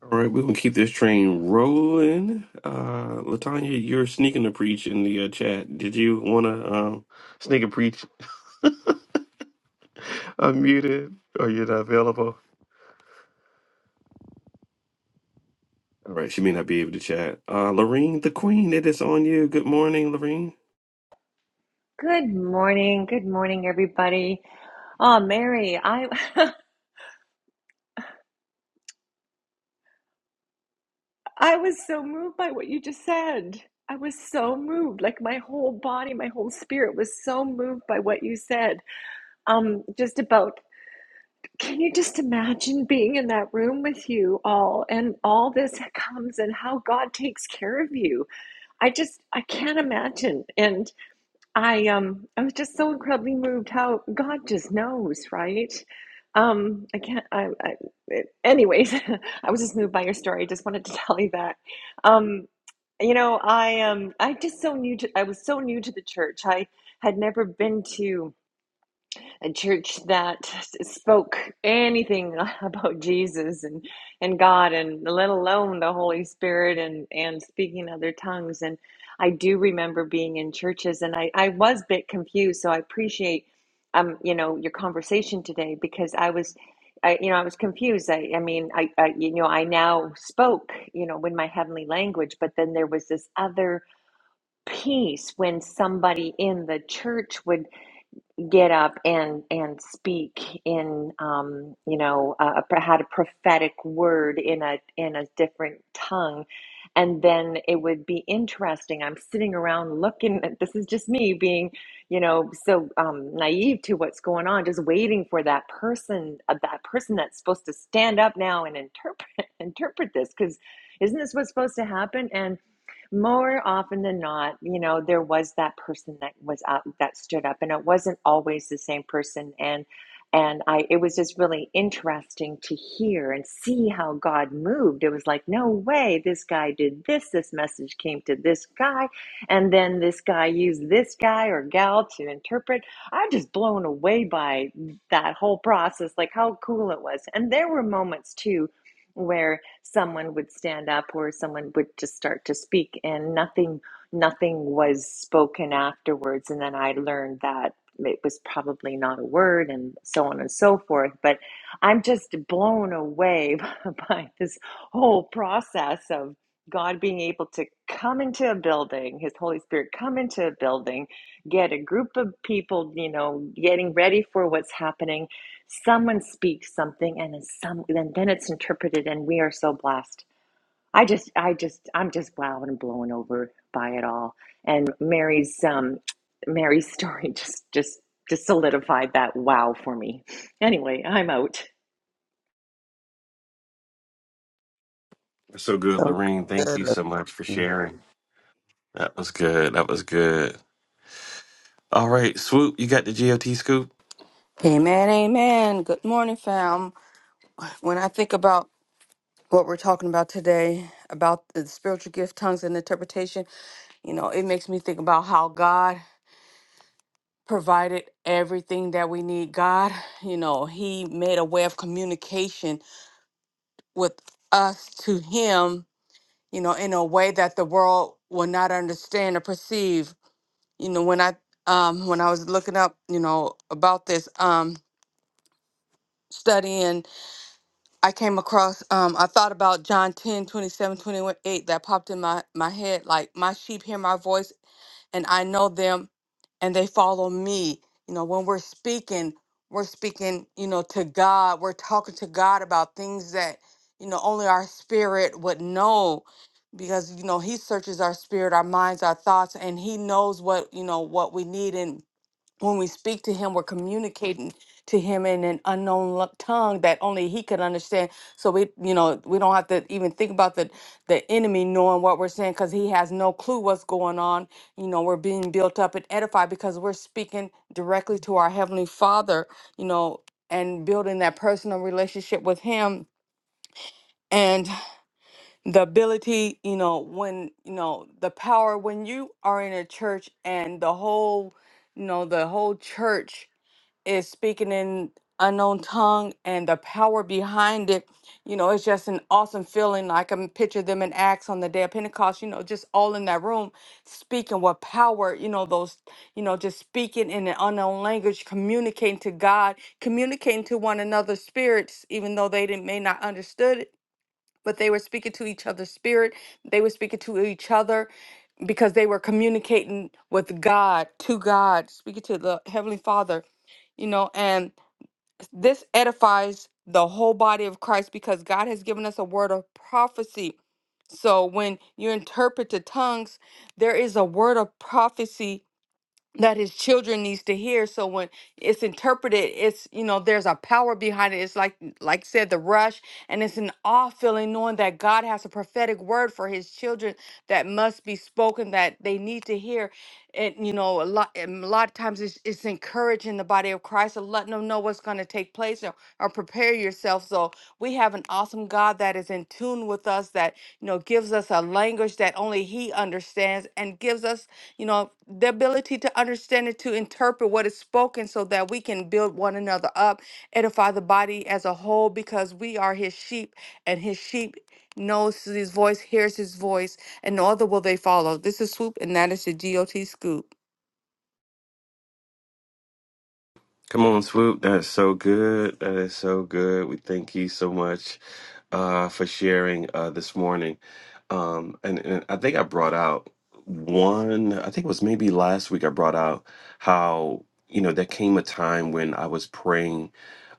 Speaker 1: All right, we right, we're gonna keep this train rolling. Uh, Latanya, you're sneaking to preach in the uh, chat. Did you want to um, sneak a preach unmuted? Are you not available? All right, she may not be able to chat. Uh, Lorene, the queen, it is on you. Good morning, Lorene.
Speaker 7: Good morning. Good morning, everybody. Oh, Mary, I I was so moved by what you just said. I was so moved. Like my whole body, my whole spirit was so moved by what you said. Um, just about can you just imagine being in that room with you all and all this comes and how God takes care of you? I just I can't imagine. And I um I was just so incredibly moved how God just knows, right? Um I can't I, I it- anyways, I was just moved by your story. I just wanted to tell you that. Um you know, I um I just so new to I was so new to the church. I had never been to a church that spoke anything about Jesus and and God and let alone the Holy Spirit and and speaking other tongues and I do remember being in churches and I I was a bit confused so I appreciate um you know your conversation today because I was I, you know, I was confused. I, I mean, I, I, you know, I now spoke, you know, in my heavenly language, but then there was this other piece when somebody in the church would get up and and speak in um, you know uh, had a prophetic word in a in a different tongue and then it would be interesting i'm sitting around looking at this is just me being you know so um, naive to what's going on just waiting for that person uh, that person that's supposed to stand up now and interpret interpret this because isn't this what's supposed to happen and more often than not, you know, there was that person that was up that stood up and it wasn't always the same person and and I it was just really interesting to hear and see how God moved. It was like, no way, this guy did this, this message came to this guy, and then this guy used this guy or gal to interpret. I'm just blown away by that whole process, like how cool it was. And there were moments too where someone would stand up or someone would just start to speak and nothing nothing was spoken afterwards and then i learned that it was probably not a word and so on and so forth but i'm just blown away by this whole process of god being able to come into a building his holy spirit come into a building get a group of people you know getting ready for what's happening someone speaks something and it's some and then it's interpreted and we are so blessed i just i just i'm just wow and blown over by it all and mary's um mary's story just just just solidified that wow for me anyway i'm out
Speaker 1: That's so good,
Speaker 3: So
Speaker 1: Lorene. Thank you
Speaker 3: good.
Speaker 1: so much for
Speaker 3: Lorraine.
Speaker 1: sharing. That was good. That was good. All right, Swoop, you got the GOT scoop?
Speaker 8: Amen, amen. Good morning, fam. When I think about what we're talking about today, about the spiritual gift, tongues, and interpretation, you know, it makes me think about how God provided everything that we need. God, you know, He made a way of communication with us to Him, you know, in a way that the world will not understand or perceive. You know, when I um when I was looking up, you know, about this, um, studying I came across, um, I thought about John 10, twenty-seven, 28 that popped in my, my head. Like, my sheep hear my voice and I know them and they follow me. You know, when we're speaking, we're speaking, you know, to God. We're talking to God about things that, you know, only our spirit would know because, you know, He searches our spirit, our minds, our thoughts, and He knows what, you know, what we need. and when we speak to him, we're communicating to him in an unknown lo- tongue that only he could understand. So we, you know, we don't have to even think about the the enemy knowing what we're saying because he has no clue what's going on. You know, we're being built up and edified because we're speaking directly to our heavenly Father. You know, and building that personal relationship with him and the ability you know when you know the power when you are in a church and the whole you know the whole church is speaking in unknown tongue and the power behind it you know it's just an awesome feeling like, i can picture them in acts on the day of pentecost you know just all in that room speaking with power you know those you know just speaking in an unknown language communicating to god communicating to one another's spirits even though they didn't may not understood it but they were speaking to each other's spirit they were speaking to each other because they were communicating with god to god speaking to the heavenly father you know and this edifies the whole body of Christ because God has given us a word of prophecy. So when you interpret the tongues, there is a word of prophecy that his children needs to hear so when it's interpreted it's you know there's a power behind it it's like like said the rush and it's an awe feeling knowing that god has a prophetic word for his children that must be spoken that they need to hear and you know a lot and a lot of times it's, it's encouraging the body of christ and letting them know what's going to take place or, or prepare yourself so we have an awesome god that is in tune with us that you know gives us a language that only he understands and gives us you know, the ability to understand it, to interpret what is spoken so that we can build one another up, edify the body as a whole, because we are his sheep and his sheep knows his voice, hears his voice, and no other will they follow. This is Swoop, and that is the GOT Scoop.
Speaker 1: Come on, Swoop. That's so good. That is so good. We thank you so much uh, for sharing uh, this morning. Um, and, and I think I brought out one, I think it was maybe last week, I brought out how, you know, there came a time when I was praying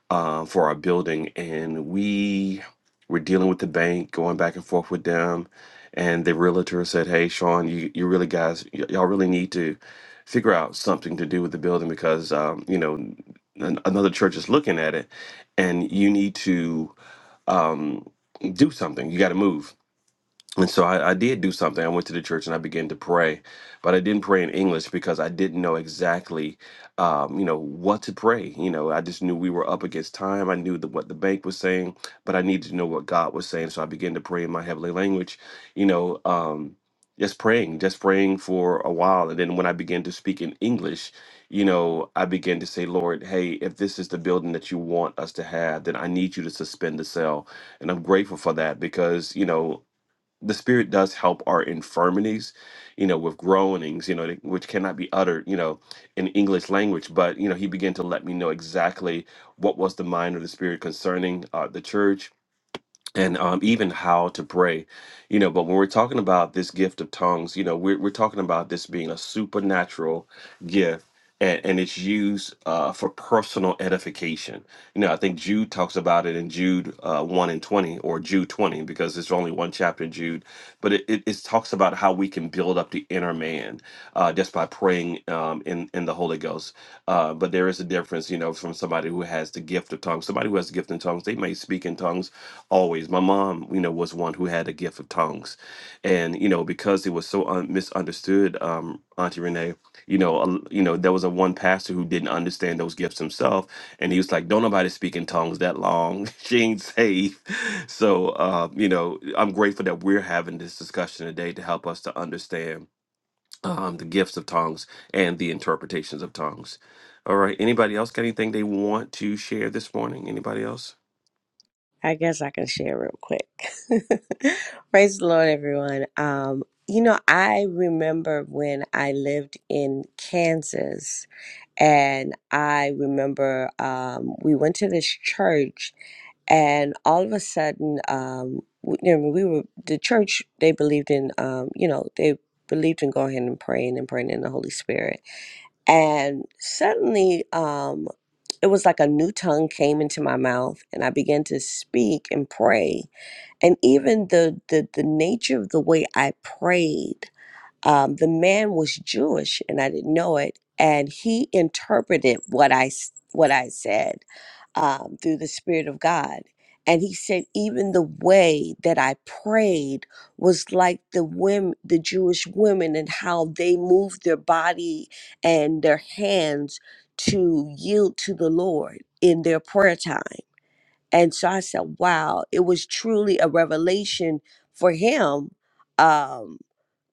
Speaker 1: uh, for our building, and we were dealing with the bank, going back and forth with them. And the realtor said, "Hey, Sean, you you really guys, y- y'all really need to figure out something to do with the building because um, you know an, another church is looking at it, and you need to um, do something. You got to move." And so I, I did do something. I went to the church and I began to pray, but I didn't pray in English because I didn't know exactly, um, you know, what to pray. You know, I just knew we were up against time. I knew the, what the bank was saying, but I needed to know what God was saying. So I began to pray in my heavenly language. You know, um, just praying, just praying for a while, and then when I began to speak in English, you know, I began to say, Lord, hey, if this is the building that you want us to have, then I need you to suspend the sale." and I'm grateful for that because you know the spirit does help our infirmities you know with groanings you know that- which cannot be uttered you know in english language but you know he began to let me know exactly what was the mind of the spirit concerning uh, the church and um, even how to pray you know but when we're talking about this gift of tongues you know we're, we're talking about this being a supernatural gift and, and it's used uh, for personal edification you know i think jude talks about it in jude uh, 1 and 20 or jude 20 because there's only one chapter in jude but it, it, it talks about how we can build up the inner man uh, just by praying um, in, in the holy ghost uh, but there is a difference you know from somebody who has the gift of tongues somebody who has the gift in tongues they may speak in tongues always my mom you know was one who had a gift of tongues and you know because it was so un- misunderstood um auntie renee you know a, you know there was a one pastor who didn't understand those gifts himself and he was like don't nobody speak in tongues that long she ain't safe so uh you know i'm grateful that we're having this discussion today to help us to understand um the gifts of tongues and the interpretations of tongues all right anybody else got anything they want to share this morning anybody else
Speaker 6: I guess I can share real quick. Praise the Lord, everyone. Um, you know, I remember when I lived in Kansas, and I remember um, we went to this church, and all of a sudden, um, we, you know, we were the church. They believed in, um, you know, they believed in going ahead and praying and praying in the Holy Spirit. And suddenly, um, it was like a new tongue came into my mouth, and I began to speak and pray. And even the the, the nature of the way I prayed um, the man was Jewish, and I didn't know it, and he interpreted what I s- what I said um, through the Spirit of God, and he said even the way that I prayed was like the women, the Jewish women, and how they moved their body and their hands to yield to the Lord in their prayer time. And so I said, "Wow!" It was truly a revelation for him. Um,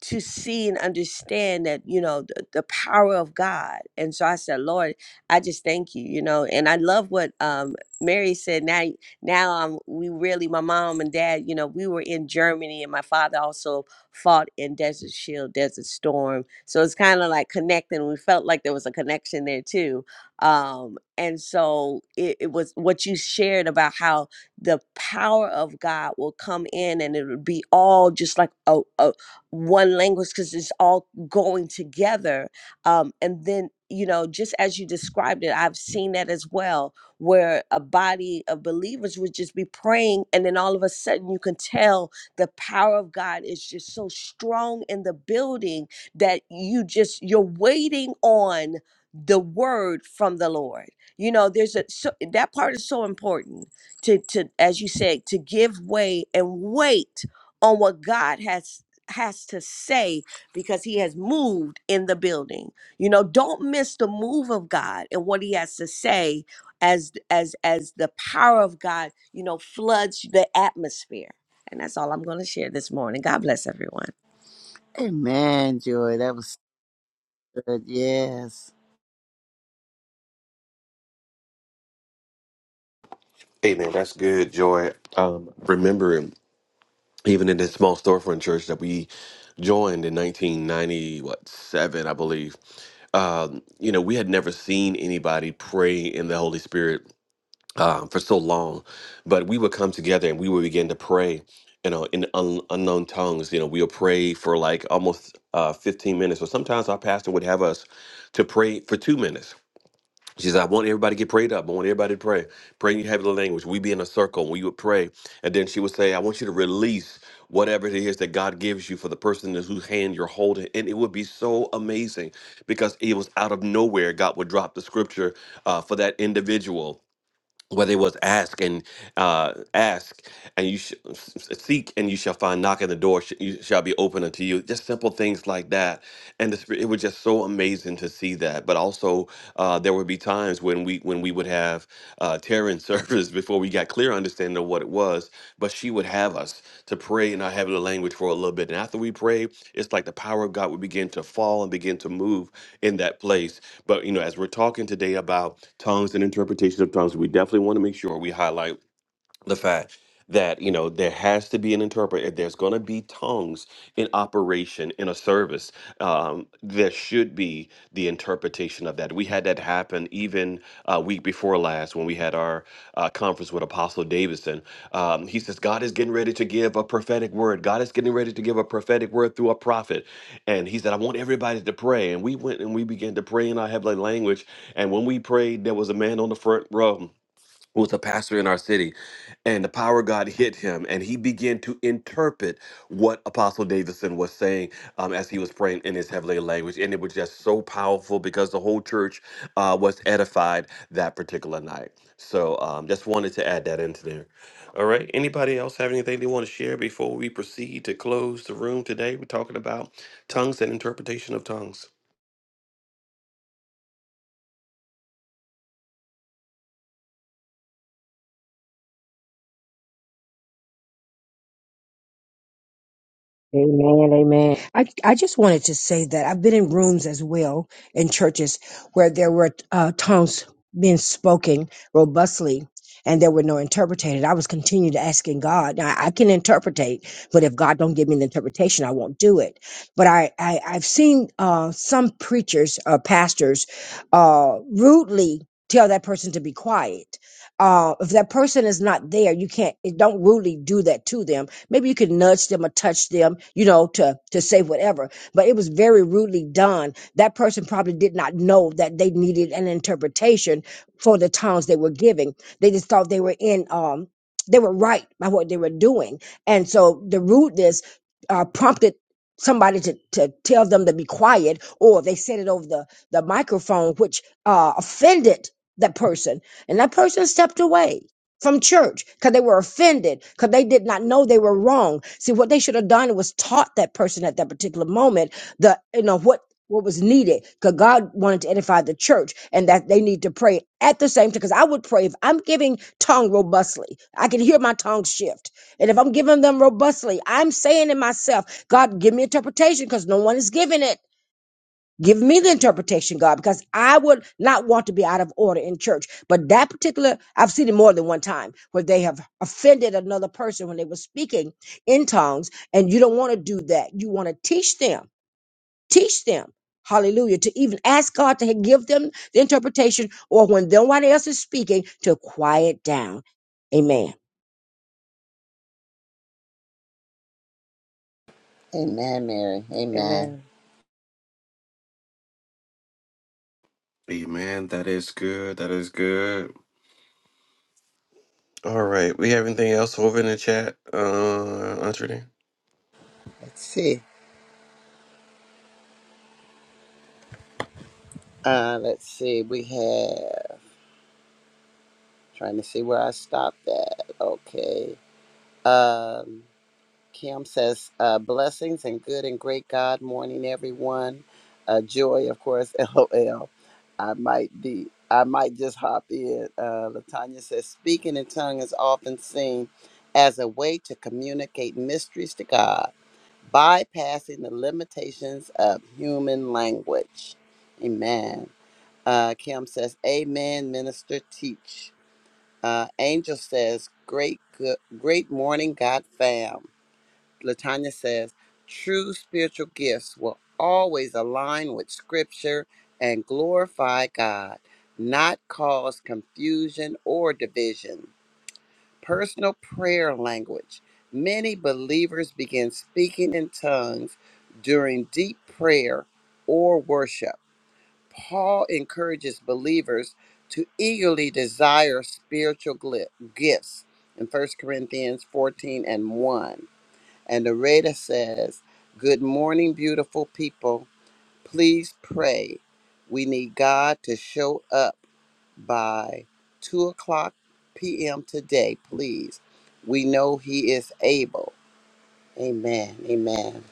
Speaker 6: to see and understand that you know the, the power of god and so i said lord i just thank you you know and i love what um mary said now now i'm we really my mom and dad you know we were in germany and my father also fought in desert shield desert storm so it's kind of like connecting we felt like there was a connection there too um and so it, it was what you shared about how the power of god will come in and it would be all just like a a one language because it's all going together. Um, and then, you know, just as you described it, I've seen that as well, where a body of believers would just be praying, and then all of a sudden you can tell the power of God is just so strong in the building that you just, you're waiting on the word from the Lord. You know, there's a so that part is so important to to as you said to give way and wait on what God has has to say because he has moved in the building. You know, don't miss the move of God and what he has to say as as as the power of God, you know, floods the atmosphere. And that's all I'm going to share this morning. God bless everyone.
Speaker 3: Amen, Joy. That was good. Yes.
Speaker 1: Hey man, that's good, Joy. Um, remembering even in this small storefront church that we joined in 1990, what seven, I believe. Um, you know, we had never seen anybody pray in the Holy Spirit um, for so long, but we would come together and we would begin to pray. You know, in un- unknown tongues. You know, we'll pray for like almost uh, 15 minutes, or sometimes our pastor would have us to pray for two minutes she says, I want everybody to get prayed up. I want everybody to pray. Pray in your heavenly language. We be in a circle. and We would pray. And then she would say, I want you to release whatever it is that God gives you for the person in whose hand you're holding. And it would be so amazing because it was out of nowhere. God would drop the scripture uh, for that individual whether it was ask and uh, ask and you sh- seek and you shall find knock at the door sh- you shall be open unto you just simple things like that and the, spirit- it was just so amazing to see that but also uh, there would be times when we when we would have uh, tearing service before we got clear understanding of what it was but she would have us to pray and not have the language for a little bit and after we pray it's like the power of god would begin to fall and begin to move in that place but you know, as we're talking today about tongues and interpretation of tongues, we definitely want to make sure we highlight the fact that you know there has to be an interpreter if there's going to be tongues in operation in a service um, there should be the interpretation of that we had that happen even uh, week before last when we had our uh, conference with apostle davidson um, he says god is getting ready to give a prophetic word god is getting ready to give a prophetic word through a prophet and he said i want everybody to pray and we went and we began to pray in our heavenly language and when we prayed there was a man on the front row who was a pastor in our city, and the power of God hit him, and he began to interpret what Apostle Davidson was saying um, as he was praying in his heavenly language, and it was just so powerful because the whole church uh, was edified that particular night. So, um, just wanted to add that into there. All right. Anybody else have anything they want to share before we proceed to close the room today? We're talking about tongues and interpretation of tongues.
Speaker 5: Amen. Amen. I, I just wanted to say that I've been in rooms as well in churches where there were uh, tongues being spoken robustly and there were no interpreted. I was continued asking God. Now I can interpretate, but if God don't give me the interpretation, I won't do it. But I, I I've seen uh, some preachers or pastors uh, rudely tell that person to be quiet. Uh, if that person is not there, you can't, don't rudely do that to them Maybe you could nudge them or touch them, you know, to, to say whatever. But it was very rudely done. That person probably did not know that they needed an interpretation for the tongues they were giving. They just thought they were in, um, they were right by what they were doing. And so the rudeness uh, prompted somebody to, to tell them to be quiet or they said it over the, the microphone, which uh, offended that person. And that person stepped away from church because they were offended because they did not know they were wrong. See, what they should have done was taught that person at that particular moment the you know what what was needed because God wanted to edify the church and that they need to pray at the same time. Because I would pray if I'm giving tongue robustly, I can hear my tongue shift, and if I'm giving them robustly, I'm saying to myself, God, give me interpretation because no one is giving it. Give me the interpretation, God, because I would not want to be out of order in church. But that particular, I've seen it more than one time where they have offended another person when they were speaking in tongues, and you don't want to do that. You want to teach them, teach them, hallelujah, to even ask God to give them the interpretation or when nobody else is speaking, to quiet down. Amen.
Speaker 3: Amen, Mary. Amen.
Speaker 6: Amen.
Speaker 1: Amen. That is good. That is good. All right. We have anything else over in the chat, uh, Aunt Renee?
Speaker 3: Let's see. Uh, let's see. We have trying to see where I stopped at. Okay. Um, Kim says uh, blessings and good and great God morning, everyone. Uh, joy, of course. LOL. I might be. I might just hop in. Uh, Latanya says speaking in tongue is often seen as a way to communicate mysteries to God, bypassing the limitations of human language. Amen. Uh, Kim says, "Amen, minister, teach." Uh, Angel says, "Great, good, great morning, God fam." Latanya says, "True spiritual gifts will always align with Scripture and glorify God, not cause confusion or division." Personal prayer language. Many believers begin speaking in tongues during deep prayer or worship. Paul encourages believers to eagerly desire spiritual gli- gifts in First Corinthians 14 and 1. And the reader says, Good morning, beautiful people. Please pray. We need God to show up by 2 o'clock p.m. today, please. We know He is able. Amen. Amen.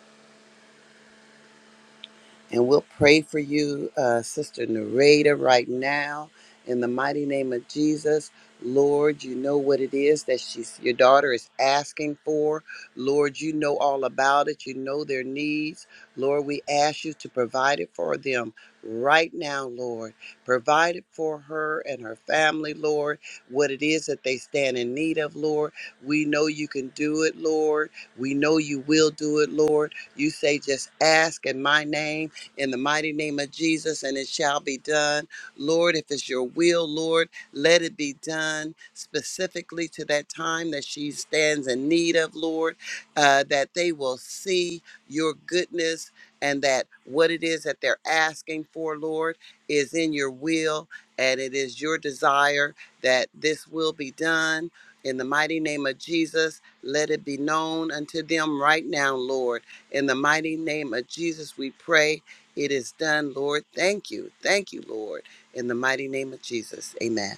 Speaker 3: And we'll pray for you, uh, Sister Narada, right now in the mighty name of Jesus. Lord, you know what it is that she's, your daughter is asking for. Lord, you know all about it. You know their needs. Lord, we ask you to provide it for them right now, Lord. Provide it for her and her family, Lord. What it is that they stand in need of, Lord. We know you can do it, Lord. We know you will do it, Lord. You say, just ask in my name in the mighty name of Jesus, and it shall be done. Lord, if it's your will, Lord, let it be done specifically to that time that she stands in need of, Lord, uh, that they will see your goodness and that what it is that they're asking for, Lord, is in your will and it is your desire that this will be done. In the mighty name of Jesus, let it be known unto them right now, Lord. In the mighty name of Jesus, we pray it is done, Lord. Thank you. Thank you, Lord. In the mighty name of Jesus. Amen.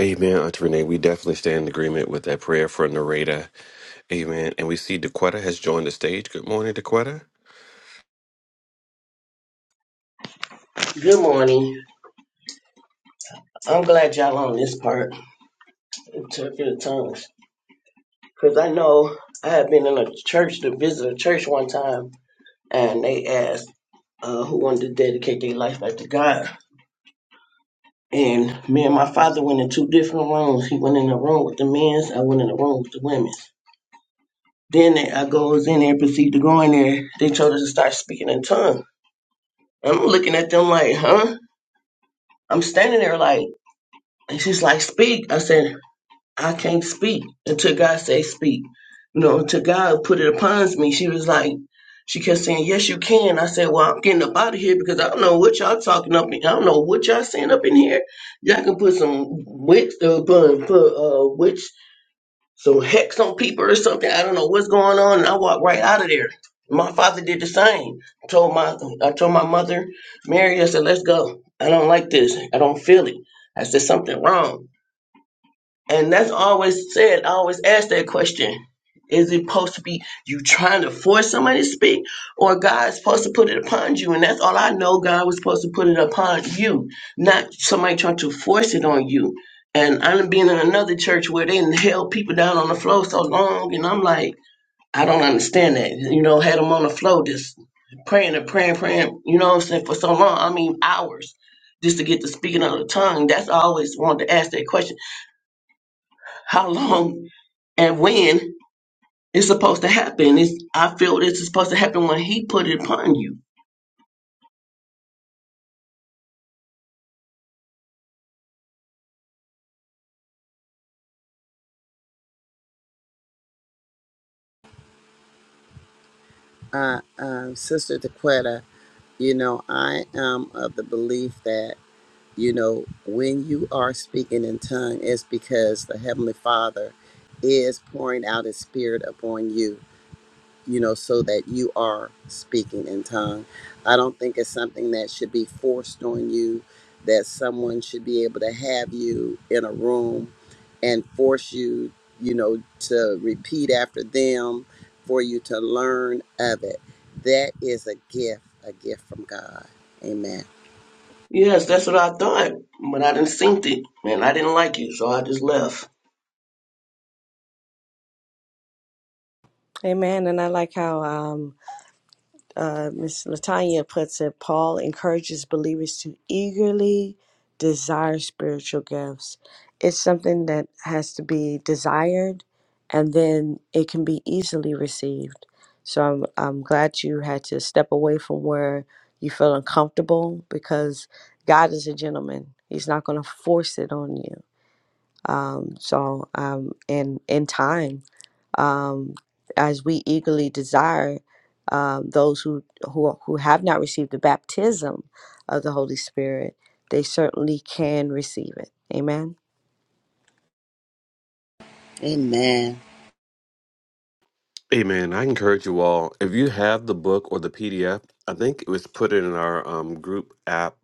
Speaker 1: Amen, Aunt Renee. We definitely stand in agreement with that prayer for Nareda. Amen. And we see Dequetta has joined the stage. Good morning, Dequetta.
Speaker 9: Good morning. I'm glad y'all on this part. It tongues. Because I know I had been in a church to visit a church one time, and they asked uh, who wanted to dedicate their life back to God. And me and my father went in two different rooms. He went in the room with the men's, I went in the room with the women's. Then they- I goes in there and proceed to go in there. They told us to start speaking in tongues. I'm looking at them like, huh? I'm standing there like, and she's like, speak. I said, I can't speak until God says speak. You know, until God put it upon me. She was like, she kept saying, Yes, you can. I said, Well, I'm getting up out of here because I don't know what y'all talking up in. I don't know what y'all saying up in here. Y'all can put some witch uh, put, put uh witch some hex on people or something. I don't know what's going on. And I walked right out of there. My father did the same. I Told my I told my mother, Mary, I said, Let's go. I don't like this. I don't feel it. I said something wrong. And that's always said, I always ask that question. Is it supposed to be you trying to force somebody to speak, or God supposed to put it upon you? And that's all I know. God was supposed to put it upon you, not somebody trying to force it on you. And I'm being in another church where they held people down on the floor so long, and I'm like, I don't understand that. You know, had them on the floor just praying and praying, praying. You know what I'm saying for so long. I mean, hours just to get to speaking of the tongue. That's I always wanted to ask that question how long and when it's supposed to happen. It's, I feel this is supposed to happen when he put it upon you.
Speaker 3: Uh, um, Sister Dequetta, you know, I am of the belief that, you know, when you are speaking in tongue, it's because the Heavenly Father is pouring out His Spirit upon you. you know, so that you are speaking in tongue. I don't think it's something that should be forced on you, that someone should be able to have you in a room and force you, you know, to repeat after them for you to learn of it. That is a gift, a gift from God. Amen.
Speaker 9: Yes, that's what I thought, but I didn't think it, and I didn't like it, so I just left.
Speaker 6: Amen. And I like how um, uh, Miss Latanya puts it. Paul encourages believers to eagerly desire spiritual gifts. It's something that has to be desired, and then it can be easily received. So I'm I'm glad you had to step away from where you feel uncomfortable because God is a gentleman. He's not going to force it on you. Um, so, um, in in time, um, as we eagerly desire um, those who, who who have not received the baptism of the Holy Spirit, they certainly can receive it. Amen.
Speaker 3: Amen.
Speaker 1: Amen. I encourage you all, if you have the book or the PDF, I think it was put in our um, group app,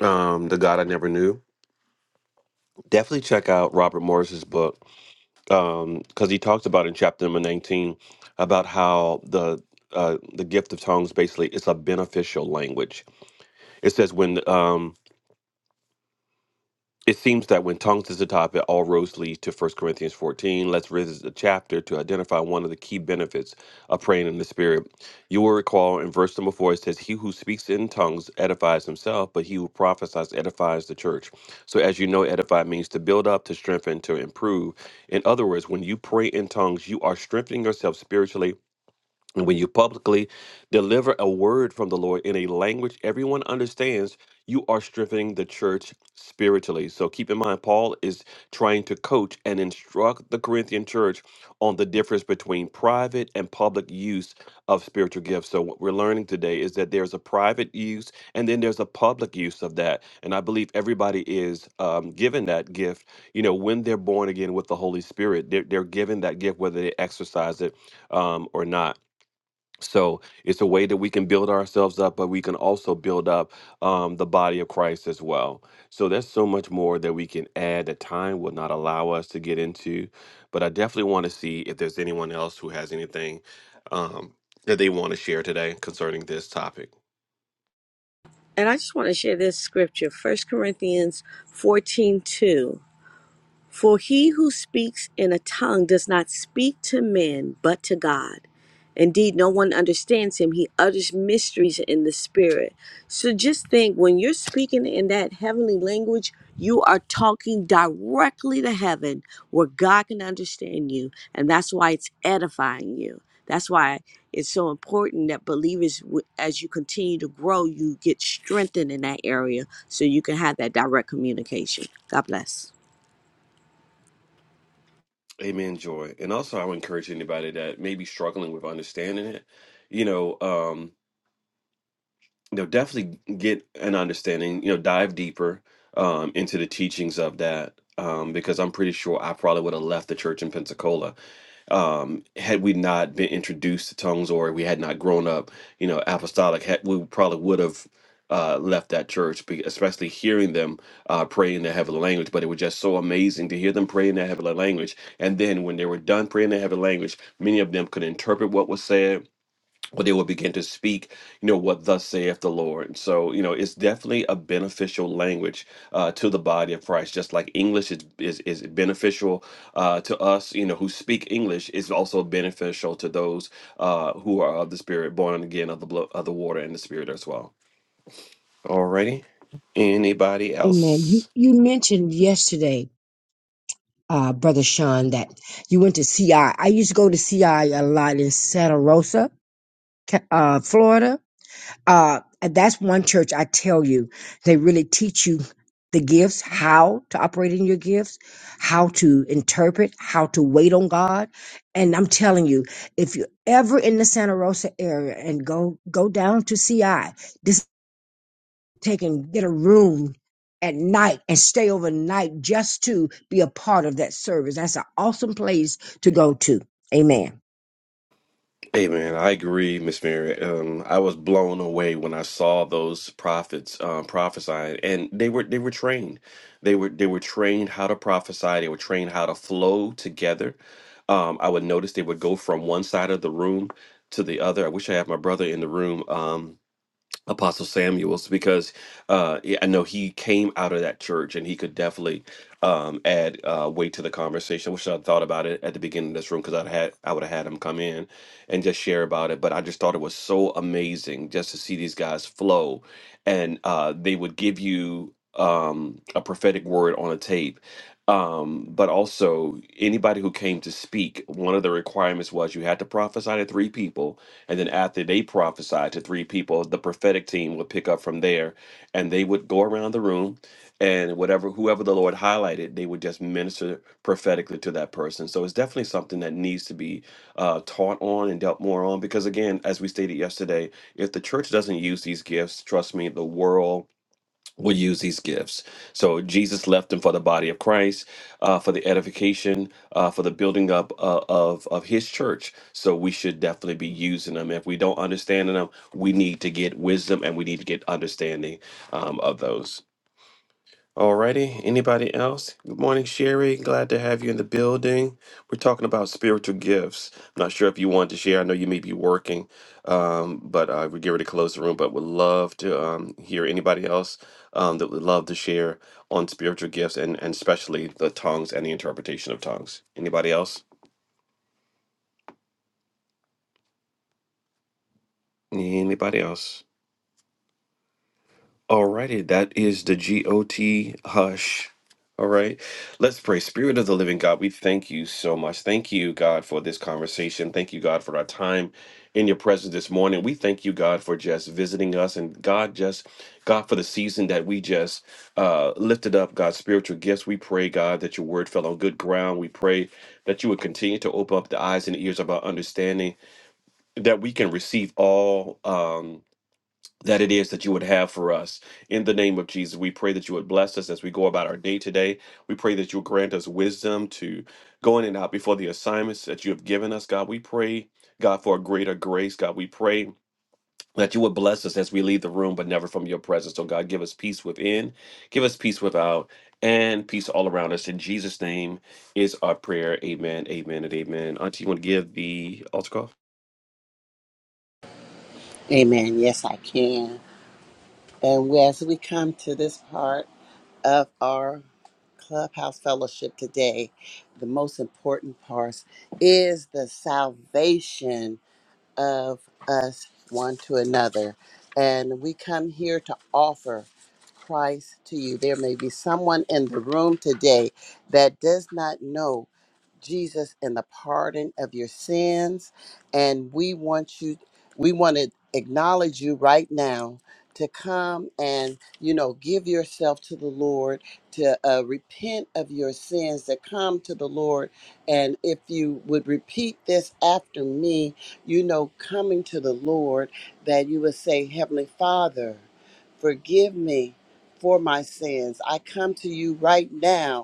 Speaker 1: um, The God I Never Knew. Definitely check out Robert Morris's book. um because he talks about in chapter number 19 about how the uh the gift of tongues basically it's a beneficial language it says when um it seems that when tongues is the topic, all roads lead to First Corinthians 14. Let's visit the chapter to identify one of the key benefits of praying in the Spirit. You will recall in verse number 4, it says, He who speaks in tongues edifies himself, but he who prophesies edifies the church. So, as you know, edify means to build up, to strengthen, to improve. In other words, when you pray in tongues, you are strengthening yourself spiritually and when you publicly deliver a word from the Lord in a language everyone understands, you are strengthening the church spiritually. So keep in mind, Paul is trying to coach and instruct the Corinthian church on the difference between private and public use of spiritual gifts. So what we're learning today is that there's a private use and then there's a public use of that. And I believe everybody is um, given that gift, you know, when they're born again with the Holy Spirit, they're, they're given that gift, whether they exercise it um, or not. So it's a way that we can build ourselves up, but we can also build up um, the body of Christ as well. So there's so much more that we can add that time will not allow us to get into. But I definitely want to see if there's anyone else who has anything um, that they want to share today concerning this topic.
Speaker 6: And I just want to share this scripture, First Corinthians 14 2. For he who speaks in a tongue does not speak to men, but to God. Indeed, no one understands him. He utters mysteries in the spirit. So just think when you're speaking in that heavenly language, you are talking directly to heaven where God can understand you. And that's why it's edifying you. That's why it's so important that believers, w- as you continue to grow, you get strengthened in that area so you can have that direct communication. God bless.
Speaker 1: Amen, joy. And also, I would encourage anybody that may be struggling with understanding it. You know, um, you know definitely get an understanding you know dive deeper um, into the teachings of that um, because i'm pretty sure i probably would have left the church in pensacola um, had we not been introduced to tongues or we had not grown up you know apostolic had, we probably would have uh, left that church be- especially hearing them uh, pray in their heavenly language but it was just so amazing to hear them pray in their heavenly language and then when they were done praying in their heavenly language many of them could interpret what was said where they will begin to speak, you know, what thus saith the Lord. And so, you know, it's definitely a beneficial language uh, to the body of Christ. Just like English is is, is beneficial uh, to us, you know, who speak English, is also beneficial to those uh, who are of the Spirit, born again of the blood, of the water and the Spirit as well. Alrighty, anybody
Speaker 5: Amen. You,
Speaker 1: else?
Speaker 5: you mentioned yesterday, uh, Brother Sean, that you went to CI. I I used to go to CI a lot in Santa Rosa Ca- uh, Florida. Uh, and that's one church I tell you, they really teach you the gifts, how to operate in your gifts, how to interpret, how to wait on God. And I'm telling you, if you're ever in the Santa Rosa area and go, go down to CI, just take and get a room at night and stay overnight just to be a part of that service. That's an awesome place to go to. Amen.
Speaker 1: Hey man, I agree, Miss Mary. Um, I was blown away when I saw those prophets um, prophesying, and they were they were trained. They were they were trained how to prophesy. They were trained how to flow together. Um, I would notice they would go from one side of the room to the other. I wish I had my brother in the room. Um, Apostle Samuel's because uh, yeah, I know he came out of that church and he could definitely um, add uh, weight to the conversation. Wish I thought about it at the beginning of this room because I would had I would have had him come in and just share about it. But I just thought it was so amazing just to see these guys flow, and uh, they would give you um, a prophetic word on a tape. Um, but also anybody who came to speak, one of the requirements was you had to prophesy to three people and then after they prophesied to three people, the prophetic team would pick up from there and they would go around the room and whatever whoever the Lord highlighted, they would just minister prophetically to that person. So it's definitely something that needs to be uh, taught on and dealt more on because again, as we stated yesterday, if the church doesn't use these gifts, trust me, the world will use these gifts. So Jesus left them for the body of Christ, uh, for the edification, uh, for the building up uh, of of His church. So we should definitely be using them. If we don't understand them, we need to get wisdom and we need to get understanding um, of those. Alrighty, anybody else? Good morning, Sherry. Glad to have you in the building. We're talking about spiritual gifts. I'm not sure if you want to share. I know you may be working, um, but uh, we get ready to close the room. But would love to um, hear anybody else um, that would love to share on spiritual gifts and, and especially the tongues and the interpretation of tongues. Anybody else? Anybody else? Alrighty, that is the GOT hush. All right, let's pray. Spirit of the living God, we thank you so much. Thank you, God, for this conversation. Thank you, God, for our time in your presence this morning. We thank you, God, for just visiting us and God, just God, for the season that we just uh, lifted up, God's spiritual gifts. We pray, God, that your word fell on good ground. We pray that you would continue to open up the eyes and ears of our understanding, that we can receive all. Um, that it is that you would have for us. In the name of Jesus, we pray that you would bless us as we go about our day today. We pray that you would grant us wisdom to go in and out before the assignments that you have given us, God. We pray, God, for a greater grace, God. We pray. That you would bless us as we leave the room, but never from your presence. So, God, give us peace within, give us peace without, and peace all around us. In Jesus' name is our prayer. Amen, amen, and amen. Auntie, you want to give the altar call?
Speaker 3: Amen. Yes, I can. And we- as we come to this part of our clubhouse fellowship today, the most important part is the salvation of us one to another. And we come here to offer Christ to you. There may be someone in the room today that does not know Jesus and the pardon of your sins. And we want you, we want to acknowledge you right now to come and, you know, give yourself to the Lord, to uh, repent of your sins, to come to the Lord. And if you would repeat this after me, you know, coming to the Lord, that you would say, Heavenly Father, forgive me for my sins. I come to you right now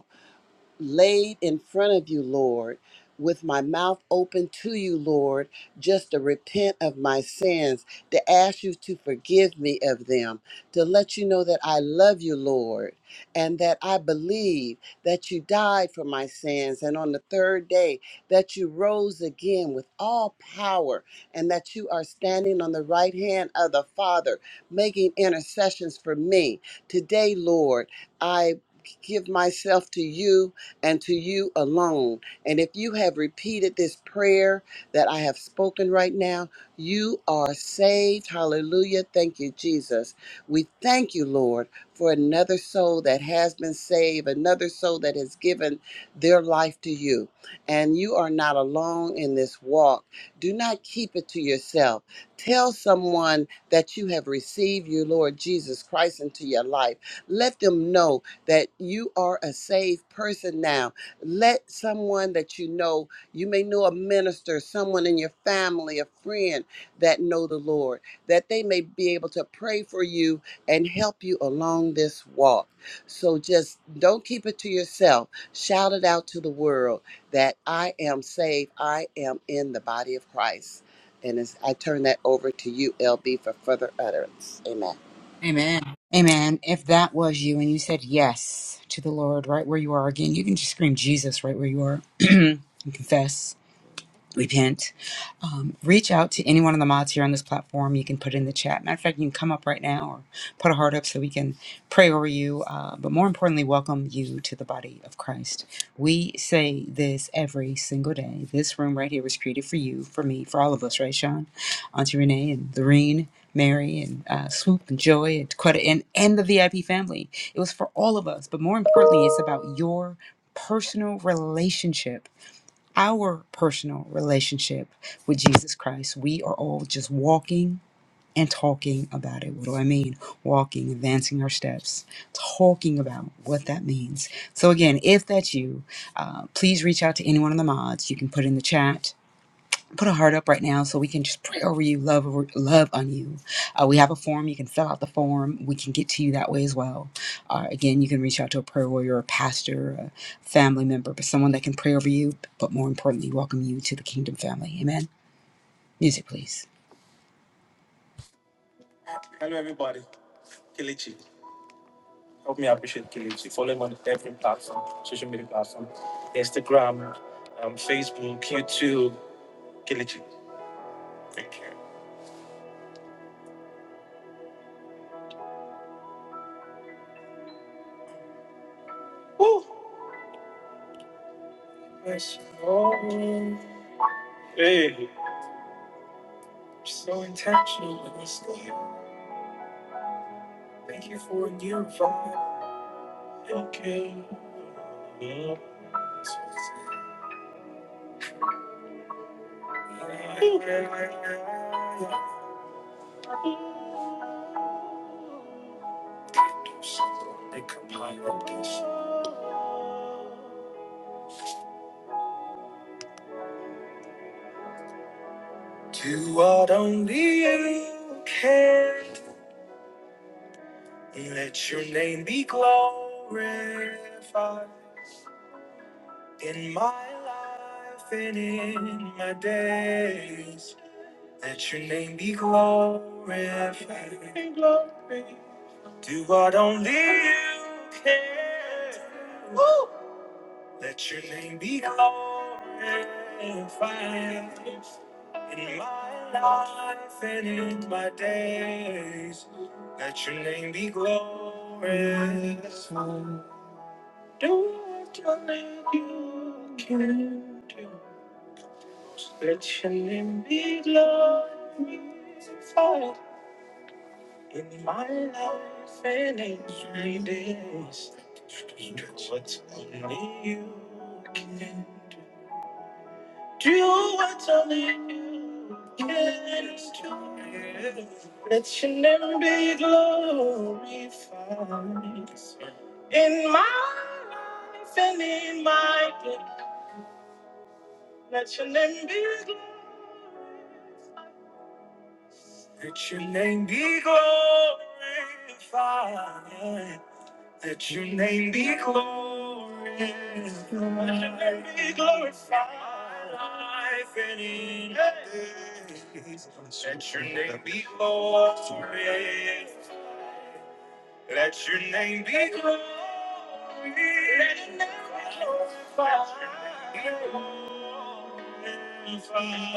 Speaker 3: laid in front of you, Lord, with my mouth open to you, Lord, just to repent of my sins, to ask you to forgive me of them, to let you know that I love you, Lord, and that I believe that you died for my sins, and on the third day that you rose again with all power, and that you are standing on the right hand of the Father, making intercessions for me. Today, Lord, I give myself to you and to you alone. And if you have repeated this prayer that I have spoken right now, you are saved. Hallelujah. Thank you, Jesus. We thank you, Lord, for another soul that has been saved, another soul that has given their life to you. And you are not alone in this walk. Do not keep it to yourself. Tell someone that you have received your Lord Jesus Christ into your life. Let them know that you are a saved person now. Let someone that you know, you may know a minister, someone in your family, a friend that know the Lord, that they may be able to pray for you and help you along this walk. So just don't keep it to yourself. Shout it out to the world that I am saved. I am in the body of Christ. And as I turn that over to you, LB, for further utterance. Amen.
Speaker 2: Amen. Amen. If that was you and you said yes to the Lord right where you are again, you can just scream Jesus right where you are and confess. repent. Um, reach out to any one of the mods here on this platform. You can put it in the chat. Matter of fact, you can come up right now or put a heart up so we can pray over you. Uh, but more importantly, welcome you to the body of Christ. We say this every single day. This room right here was created for you, for me, for all of us, right, Sean? Auntie Renee and Lorene. Mary and uh, Swoop and Joy and Quetta and, and the VIP family. It was for all of us, but more importantly, it's about your personal relationship our personal relationship with Jesus Christ. We are all just walking and talking about it. What do I mean? Walking, advancing our steps, talking about what that means. So, again, if that's you, uh, please reach out to any one of the mods. You can put in the chat put a heart up right now so we can just pray over you, love over- love on you. Uh, we have a form. You can fill out the form. We can get to you that way as well. Uh, again, you can reach out to a prayer warrior, a pastor, a family member, but someone that can pray over you, but more importantly, welcome you to the kingdom family. Amen. Music, please.
Speaker 1: Hello, everybody. Kelechi. Help me appreciate Kelechi. Follow him on every platform, social media platform, Instagram, um, Facebook, YouTube. Kelechi, thank you. Woo! Yes, Lord. Hey, so intentional with this day. Thank you for a new vibe. Okay. Yeah. Do what only you can Let your name be glorified in my life and in my days. Let your name be glorified. Glory. Do what only you can. Let your name be glorified in my life and in my days. Let your name be glorified. Don't have let you can't do. Let your name be glorified in my life and in my days. Do what only you can do. Do what only you can do. Let your name be glorified in my life and in my days. Let your name be glorified. Let your name be glorified. Let your name be glorified. Let your name be glorified. Life and in this. Let your name be glorified. Let your name be glorified. Let your name be glorified. Let your name be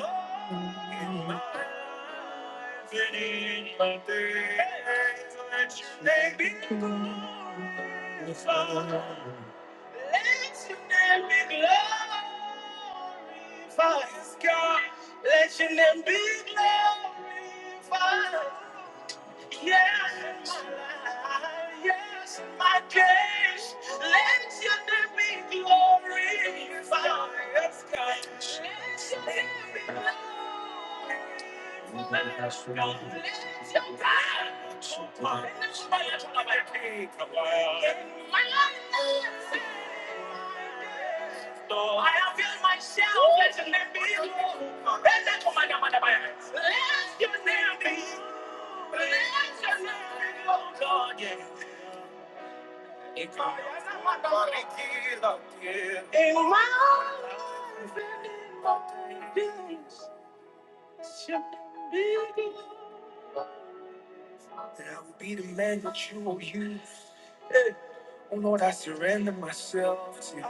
Speaker 1: glorified. In my life and in my days. Let your name be glorified. Let your name be glorified. God, let your name be glorified. Yes, in my life, yes, in my case. Let your name be glorified. Yes, God. Let your name be glorified. Yes, God. Let your power supply. Let my life be my In my life, yes, in So I avail myself. Let your name be glorified. Let your name be glorified. That I will be the man that you will use. Hey. Oh Lord, I surrender myself to you.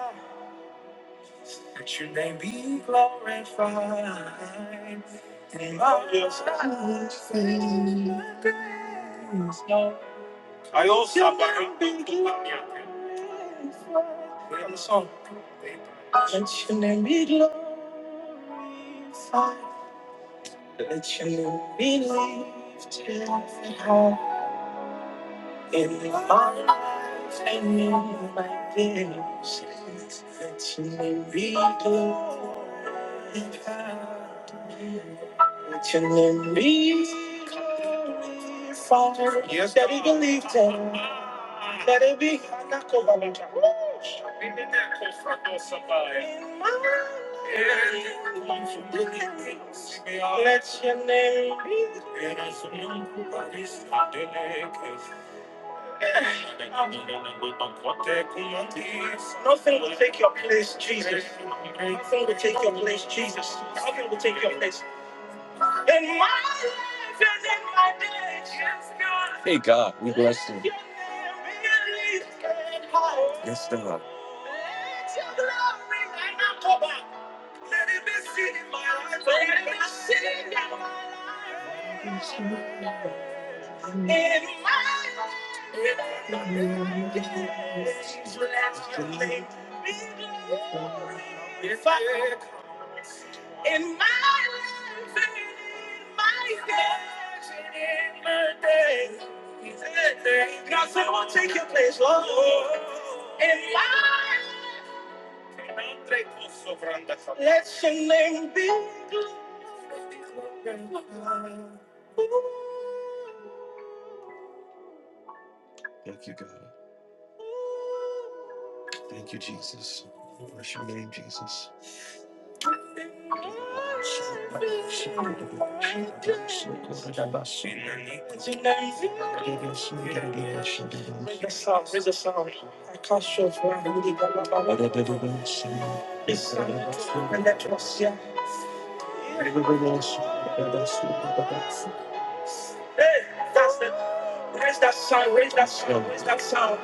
Speaker 1: Let your name be glorified. In my life, Let your name be glorified. Let your name be lifted high in my life and in my days. Let your name be glorified. Let your name be glorified. Yes, that be lifted. Let it be. Anakobalata. In my life. Let your name be. Nothing will take your place, Jesus. Nothing will take your place, Jesus. Nothing will take your place. In my life and in my days, yes, God. Hey, God, we bless you. Let it be seen in my life. Let it be seen in my life. In my life. If I- In my life and in my days and in my days. He said, God said, I will take your place, Lord. In my life. Let your name be glorified. Let your name be glorified. Bring the song, bring the song. I can't show for I really got my body. It's time to let us, yeah. Hey, that's it. Raise that sound, raise that sound, raise that sound.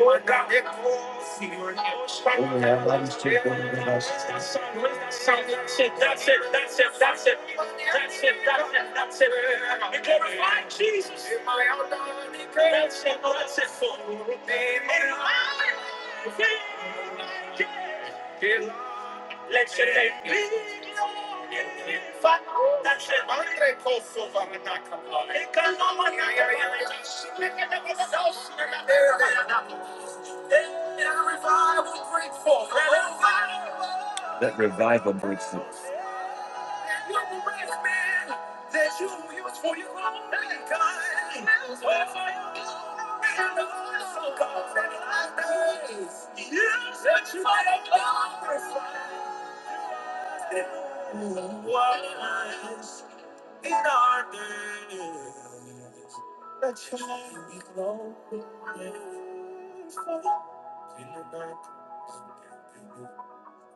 Speaker 1: Lord God, echoes in your house right Oh, yeah, now. that is true for the house. Raise that sound, raise that sound. That's it, that's it, that's it, that's it. That's it, that's it, that's it. We glorify Jesus. That's it, Oh, that's it for you. Let your name be known in the fire. That's it. Andre Kosovo, Manaka. Ekanomanaka. That revival breaks through.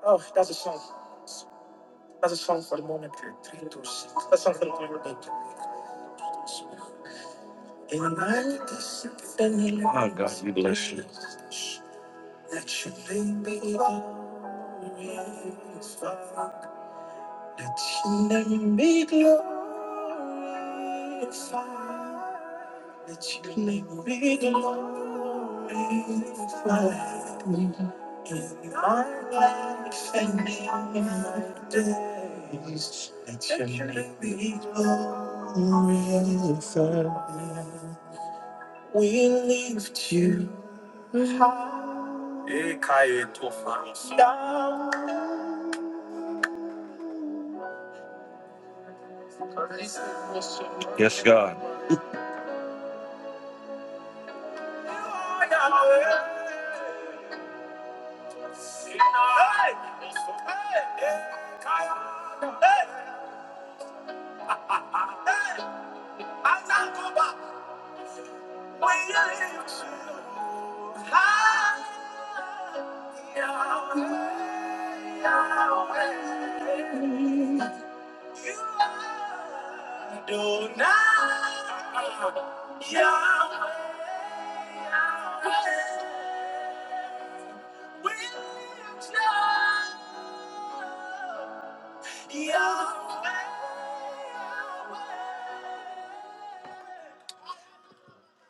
Speaker 1: Oh, that's a song. That's a song for the moment. Three, two, six. That's a song for the moment. In my symphony. Oh, God, we bless you. Let your name be glorified. Let your name be glorified. Let your name be glorified. In my life and in my days. Let your name be glorified. We lift you high. Yes, God. Yahweh, Yahweh.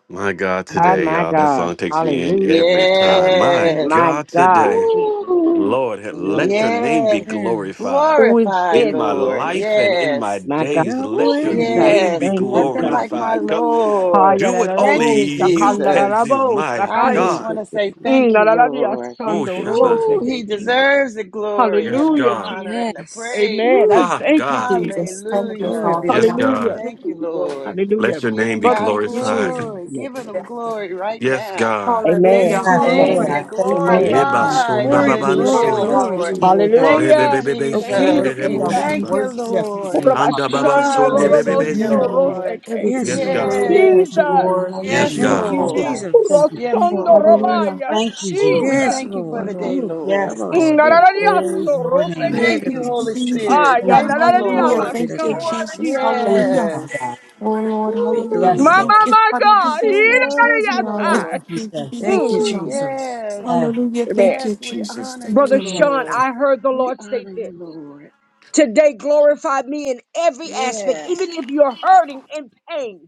Speaker 1: My God,
Speaker 5: Oh
Speaker 1: today,
Speaker 5: my
Speaker 1: y'all, that
Speaker 5: God.
Speaker 1: song takes me in
Speaker 5: Hallelujah.
Speaker 1: every time. My
Speaker 3: Yes.
Speaker 5: My
Speaker 1: God,
Speaker 5: God,
Speaker 1: today,
Speaker 5: Jesus.
Speaker 3: Woo.
Speaker 1: Lord,
Speaker 5: Mm.
Speaker 1: let your name be
Speaker 3: Yes,
Speaker 6: Yes.
Speaker 1: glorified.
Speaker 5: Who is
Speaker 3: glorify,
Speaker 1: in
Speaker 5: this?
Speaker 1: my
Speaker 5: Who is
Speaker 3: Lord.
Speaker 5: this?
Speaker 1: life and in my
Speaker 3: Yes.
Speaker 5: My God,
Speaker 1: days.
Speaker 3: Ooh,
Speaker 1: Let your
Speaker 6: Yahweh.
Speaker 5: Jesus.
Speaker 1: name be
Speaker 3: yes,
Speaker 5: Thank you,
Speaker 3: nothing
Speaker 6: Yahweh.
Speaker 5: God.
Speaker 3: like my
Speaker 1: glorified. God,
Speaker 3: Lord.
Speaker 5: Haya
Speaker 1: do
Speaker 5: da
Speaker 1: what
Speaker 5: da da
Speaker 3: Thank
Speaker 1: only
Speaker 5: bo,
Speaker 3: you,
Speaker 1: you
Speaker 5: shakanda da
Speaker 1: can
Speaker 5: da
Speaker 3: Jesus.
Speaker 1: do,
Speaker 5: bo,
Speaker 1: my
Speaker 3: I
Speaker 6: When
Speaker 5: sakaya.
Speaker 3: just
Speaker 6: you
Speaker 1: God.
Speaker 3: want
Speaker 6: could
Speaker 3: to
Speaker 6: be.
Speaker 3: say
Speaker 5: Mm,
Speaker 3: thank
Speaker 5: da
Speaker 3: you,
Speaker 5: da da dia,
Speaker 3: Lord.
Speaker 1: Oh,
Speaker 6: Thank
Speaker 5: sando
Speaker 6: you,
Speaker 5: robo
Speaker 1: Shabbat.
Speaker 6: Jesus.
Speaker 3: Ooh, he
Speaker 5: seke, Jesus.
Speaker 3: deserves the glory
Speaker 1: Yes,
Speaker 3: and the
Speaker 5: Hallelujah,
Speaker 1: God.
Speaker 3: honor
Speaker 5: Jesus.
Speaker 3: and the
Speaker 6: Yes.
Speaker 3: praise.
Speaker 5: Amen. I
Speaker 6: Ooh.
Speaker 1: Ah,
Speaker 5: thank you,
Speaker 1: God.
Speaker 5: Jesus.
Speaker 8: Jesus, thank you,
Speaker 6: Glory
Speaker 3: Hallelujah.
Speaker 6: be
Speaker 8: Father
Speaker 6: to
Speaker 1: Yes,
Speaker 6: God.
Speaker 8: God.
Speaker 5: Hallelujah.
Speaker 1: God.
Speaker 3: Thank you, Lord.
Speaker 5: Hallelujah.
Speaker 1: Let your name
Speaker 3: Giving
Speaker 1: be
Speaker 5: Brother.
Speaker 3: God
Speaker 6: Thank you,
Speaker 1: glorified.
Speaker 6: Jesus.
Speaker 3: glory, giving Him glory right
Speaker 1: Yes,
Speaker 3: now.
Speaker 1: God.
Speaker 3: Let
Speaker 8: Hallelujah,
Speaker 5: Amen.
Speaker 6: Thank
Speaker 3: His
Speaker 6: you,
Speaker 2: Yes, Father
Speaker 3: name
Speaker 5: Amen.
Speaker 6: Lord.
Speaker 8: hallelujah,
Speaker 3: be
Speaker 2: God, thank you
Speaker 5: Amen.
Speaker 2: right
Speaker 1: Eba
Speaker 2: now.
Speaker 8: hallelujah.
Speaker 3: glorified.
Speaker 1: sonda
Speaker 2: In
Speaker 6: Glory,
Speaker 2: the name
Speaker 1: baban
Speaker 2: of
Speaker 3: Hallelujah,
Speaker 6: glory,
Speaker 8: Oh,
Speaker 2: Jesus,
Speaker 1: soya.
Speaker 6: glory
Speaker 2: we
Speaker 3: Lord.
Speaker 6: to
Speaker 2: give
Speaker 6: you,
Speaker 8: hallelujah.
Speaker 6: O
Speaker 2: you
Speaker 6: God.
Speaker 3: Thank
Speaker 2: glory.
Speaker 3: you,
Speaker 5: Hallelujah.
Speaker 1: Rebebebebe
Speaker 6: O
Speaker 1: se
Speaker 2: Your
Speaker 5: Thank you,
Speaker 6: King of
Speaker 3: Jesus.
Speaker 2: worship,
Speaker 1: kererebo
Speaker 2: God,
Speaker 6: Kings.
Speaker 8: Thank
Speaker 5: Jesus.
Speaker 2: we
Speaker 3: Thank
Speaker 1: Shabbat.
Speaker 3: you,
Speaker 8: you,
Speaker 2: worship
Speaker 8: Jesus.
Speaker 3: Lord.
Speaker 2: you, Father
Speaker 1: Anda
Speaker 2: God.
Speaker 6: Thank
Speaker 1: baba
Speaker 6: you,
Speaker 5: Urabashando
Speaker 2: We
Speaker 1: sonde
Speaker 6: Jesus.
Speaker 2: worship
Speaker 8: Praise you,
Speaker 5: robo
Speaker 1: bebebe
Speaker 2: you
Speaker 3: Hallelujah,
Speaker 5: so
Speaker 1: se.
Speaker 2: right
Speaker 8: man, Lord,
Speaker 2: now.
Speaker 8: let
Speaker 3: Lord.
Speaker 5: roseke.
Speaker 8: everything
Speaker 2: We
Speaker 6: Yes,
Speaker 1: Yes,
Speaker 8: you have
Speaker 6: Lord.
Speaker 1: God.
Speaker 8: said,
Speaker 2: praise
Speaker 3: Yes,
Speaker 8: Lord, shall be
Speaker 5: Jesus.
Speaker 2: your
Speaker 8: Lord,
Speaker 1: Yes,
Speaker 8: because
Speaker 3: yes,
Speaker 8: you
Speaker 2: name,
Speaker 8: are
Speaker 6: Thank
Speaker 1: God.
Speaker 6: you,
Speaker 2: Father
Speaker 8: worthy.
Speaker 2: God.
Speaker 3: Lord.
Speaker 6: Jesus.
Speaker 2: Thank you,
Speaker 8: You
Speaker 3: Yes,
Speaker 8: are
Speaker 5: Rosondo
Speaker 3: Lord.
Speaker 8: hallelujah.
Speaker 5: Robaya,
Speaker 2: Thank you,
Speaker 3: Ooh, we
Speaker 2: Jesus.
Speaker 5: Jesus.
Speaker 6: Yes,
Speaker 8: Hallelujah.
Speaker 3: thank you for the
Speaker 6: Lord.
Speaker 3: day,
Speaker 8: Lord.
Speaker 6: Ooh, I
Speaker 3: Lord.
Speaker 2: Yes,
Speaker 6: was
Speaker 2: Lord. We
Speaker 6: sick.
Speaker 2: Praise
Speaker 3: Ooh,
Speaker 5: Narariaso
Speaker 2: your name.
Speaker 8: Hallelujah.
Speaker 6: Yeah,
Speaker 3: thank
Speaker 6: the
Speaker 5: Roseke.
Speaker 3: you, Holy
Speaker 6: Lord show.
Speaker 3: Spirit.
Speaker 2: Thank
Speaker 5: Aya
Speaker 2: you.
Speaker 3: Thank you,
Speaker 5: Nararia
Speaker 8: Hallelujah.
Speaker 6: Glory
Speaker 3: Lord.
Speaker 6: be to
Speaker 8: Thank you,
Speaker 6: God.
Speaker 5: Basaya,
Speaker 8: Jesus.
Speaker 5: Jesus.
Speaker 2: Thank you,
Speaker 8: Hallelujah.
Speaker 2: Father God.
Speaker 3: Yes.
Speaker 8: Oh Lord,
Speaker 6: Be
Speaker 3: Ooh.
Speaker 8: hallelujah.
Speaker 2: Yes,
Speaker 6: Lord.
Speaker 5: My,
Speaker 2: Lord.
Speaker 8: Thank
Speaker 5: my,
Speaker 8: you.
Speaker 5: my
Speaker 3: You're
Speaker 8: Hallelujah.
Speaker 5: God.
Speaker 3: so
Speaker 8: Thank you,
Speaker 3: worthy,
Speaker 2: Thank
Speaker 3: Lord.
Speaker 5: Irariasa.
Speaker 2: you, Jesus.
Speaker 6: Thank
Speaker 5: Mm,
Speaker 6: you,
Speaker 3: Ooh,
Speaker 6: Jesus.
Speaker 3: yes.
Speaker 2: Yes.
Speaker 5: Amen.
Speaker 3: Yes, we
Speaker 8: Jesus.
Speaker 3: honor
Speaker 8: Thank
Speaker 3: you,
Speaker 5: Brother
Speaker 8: you,
Speaker 2: Thank
Speaker 8: Lord.
Speaker 2: you,
Speaker 5: Sean,
Speaker 3: Lord.
Speaker 2: Jesus.
Speaker 5: I heard the
Speaker 3: We
Speaker 5: Lord say
Speaker 3: honor
Speaker 5: this.
Speaker 3: you, Lord.
Speaker 5: Today glorify me in every aspect,
Speaker 3: Yes,
Speaker 5: even if you're hurting in pain.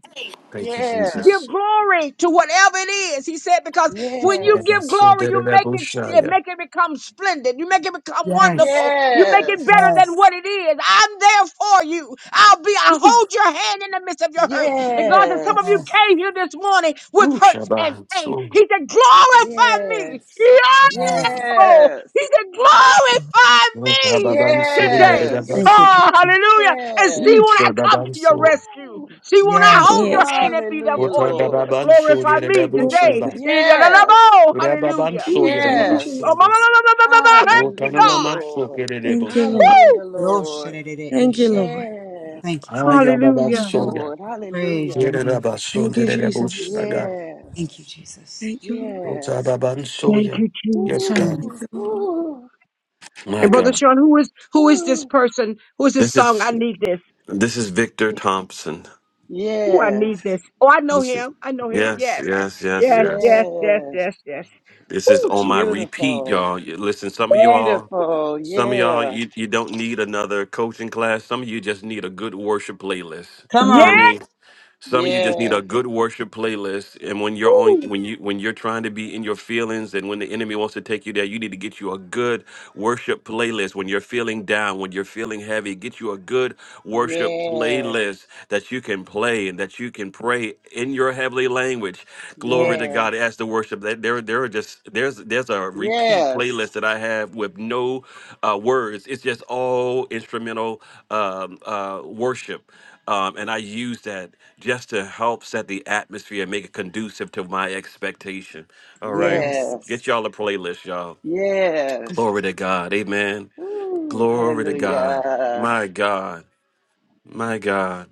Speaker 1: Thank you,
Speaker 3: yes,
Speaker 5: Give
Speaker 1: Jesus.
Speaker 5: glory to whatever it is. He said, because when you
Speaker 1: Eba
Speaker 3: yes,
Speaker 5: give glory,
Speaker 1: sonde
Speaker 5: you make
Speaker 1: rebo
Speaker 5: it,
Speaker 1: shaya.
Speaker 5: make it become splendid. You make it become
Speaker 2: Yes.
Speaker 5: wonderful. You make it
Speaker 3: yes,
Speaker 5: better than
Speaker 2: Yes.
Speaker 5: what it is. I'm there for you. I'll be, I'll
Speaker 6: Ooh.
Speaker 5: hold your hand in the midst of your hurt. And God said, some of you
Speaker 3: yes,
Speaker 2: Yes.
Speaker 5: came here this morning with
Speaker 1: Ooh,
Speaker 5: hurts and
Speaker 1: Shaban
Speaker 5: pain.
Speaker 1: so.
Speaker 5: He said, glorify me.
Speaker 3: yes,
Speaker 2: Yes.
Speaker 5: Yonder.
Speaker 3: yes,
Speaker 5: He said, glorify me
Speaker 1: Otababan so
Speaker 5: today.
Speaker 3: yes,
Speaker 6: Thank you,
Speaker 1: yeredabasi.
Speaker 5: Oh,
Speaker 6: Jesus.
Speaker 5: hallelujah. And see when
Speaker 1: Ooh,
Speaker 3: yes.
Speaker 5: I come to
Speaker 1: Shababan
Speaker 5: your
Speaker 1: so.
Speaker 5: rescue.
Speaker 3: Woo.
Speaker 5: She will not
Speaker 2: Yes.
Speaker 5: hold your
Speaker 6: Yes, God.
Speaker 5: hand and be there
Speaker 3: Hallelujah,
Speaker 5: for you.
Speaker 3: Lord.
Speaker 1: Otadababan so
Speaker 5: Glorify me
Speaker 1: yeredabu
Speaker 6: Glory to
Speaker 5: today.
Speaker 1: shaba.
Speaker 3: Yes,
Speaker 1: Rababan
Speaker 6: the-
Speaker 5: Hallelujah.
Speaker 1: so
Speaker 6: Ooh, thank you,
Speaker 3: yes,
Speaker 5: Oh, my,
Speaker 1: yeredabasonde.
Speaker 5: my,
Speaker 6: Jesus.
Speaker 5: my, my, my, my, my, thank you,
Speaker 3: Hallelujah,
Speaker 1: Otananaman
Speaker 5: God.
Speaker 1: so
Speaker 3: Lord.
Speaker 1: keredebu
Speaker 6: Thank you,
Speaker 1: shaba.
Speaker 6: Lord.
Speaker 5: Woo!
Speaker 3: Hallelujah, Lord.
Speaker 6: Thank you,
Speaker 2: Rosharerereisha.
Speaker 6: Lord.
Speaker 3: Yes.
Speaker 2: Thank you, Father God.
Speaker 1: Ayababan
Speaker 3: Yes,
Speaker 5: Hallelujah.
Speaker 6: Thank you,
Speaker 1: so
Speaker 6: Lord.
Speaker 1: ya.
Speaker 3: Lord.
Speaker 2: Praise
Speaker 3: Hallelujah.
Speaker 2: your name, Father.
Speaker 6: Thank
Speaker 1: Yeredabasonde
Speaker 6: you, Jesus.
Speaker 1: yeredabu
Speaker 2: Thank you,
Speaker 3: Yes.
Speaker 2: Jesus.
Speaker 6: Thank you, Lord.
Speaker 3: Yes.
Speaker 5: Thank
Speaker 1: Otababansoya.
Speaker 5: you,
Speaker 1: Yes,
Speaker 5: Jesus.
Speaker 1: God.
Speaker 2: Mm.
Speaker 6: Thank
Speaker 3: Ooh,
Speaker 6: you, Lord.
Speaker 3: ooh,
Speaker 1: My
Speaker 5: And
Speaker 3: ooh,
Speaker 5: Brother
Speaker 1: God.
Speaker 5: Sean, who is who is this
Speaker 3: ooh.
Speaker 5: person? Who is this
Speaker 1: This
Speaker 5: song? I
Speaker 1: is
Speaker 5: need this.
Speaker 1: this is Victor Thompson.
Speaker 5: Who I need
Speaker 3: Yes.
Speaker 5: this. Oh, I know
Speaker 1: This is,
Speaker 5: him. I know him.
Speaker 1: yes,
Speaker 5: Yes.
Speaker 1: yes, yes,
Speaker 5: Yes,
Speaker 1: yes.
Speaker 5: yes, yes,
Speaker 3: Yes.
Speaker 5: yes, yes.
Speaker 1: This is
Speaker 5: Oh,
Speaker 1: on my
Speaker 5: Jesus.
Speaker 1: repeat,
Speaker 3: Beautiful.
Speaker 1: y'all. You- Listen, some of y'all,
Speaker 3: Beautiful.
Speaker 1: some of y'all,
Speaker 3: Yeah.
Speaker 1: you, you don't need another coaching class. Some of you just need a good worship playlist.
Speaker 2: Come
Speaker 1: You know what I
Speaker 5: Yes.
Speaker 2: on.
Speaker 1: mean? Some of you just need a
Speaker 3: Yes.
Speaker 1: good worship playlist, and when you're on,
Speaker 5: Ooh.
Speaker 1: when you when you're trying to be in your feelings, and when the enemy wants to take you there, you need to get you a good worship playlist. When you're feeling down, when you're feeling heavy, get you a good worship
Speaker 3: Yes.
Speaker 1: playlist that you can play and that you can pray in your heavenly language.
Speaker 2: Yes.
Speaker 1: Glory to God
Speaker 3: Yes.
Speaker 1: as the worship. That there, there are just there's there's a repeat
Speaker 3: Yes.
Speaker 1: playlist that I have with no uh, words. It's just all instrumental um, uh, worship um, and I use that just to help set the atmosphere and make it conducive to my expectation. All right.
Speaker 2: Yes.
Speaker 3: Yes.
Speaker 1: Get y'all a playlist, y'all.
Speaker 3: Yes.
Speaker 1: Glory to God. Amen.
Speaker 3: Ooh,
Speaker 1: Glory to God.
Speaker 3: hallelujah.
Speaker 1: My God. My God.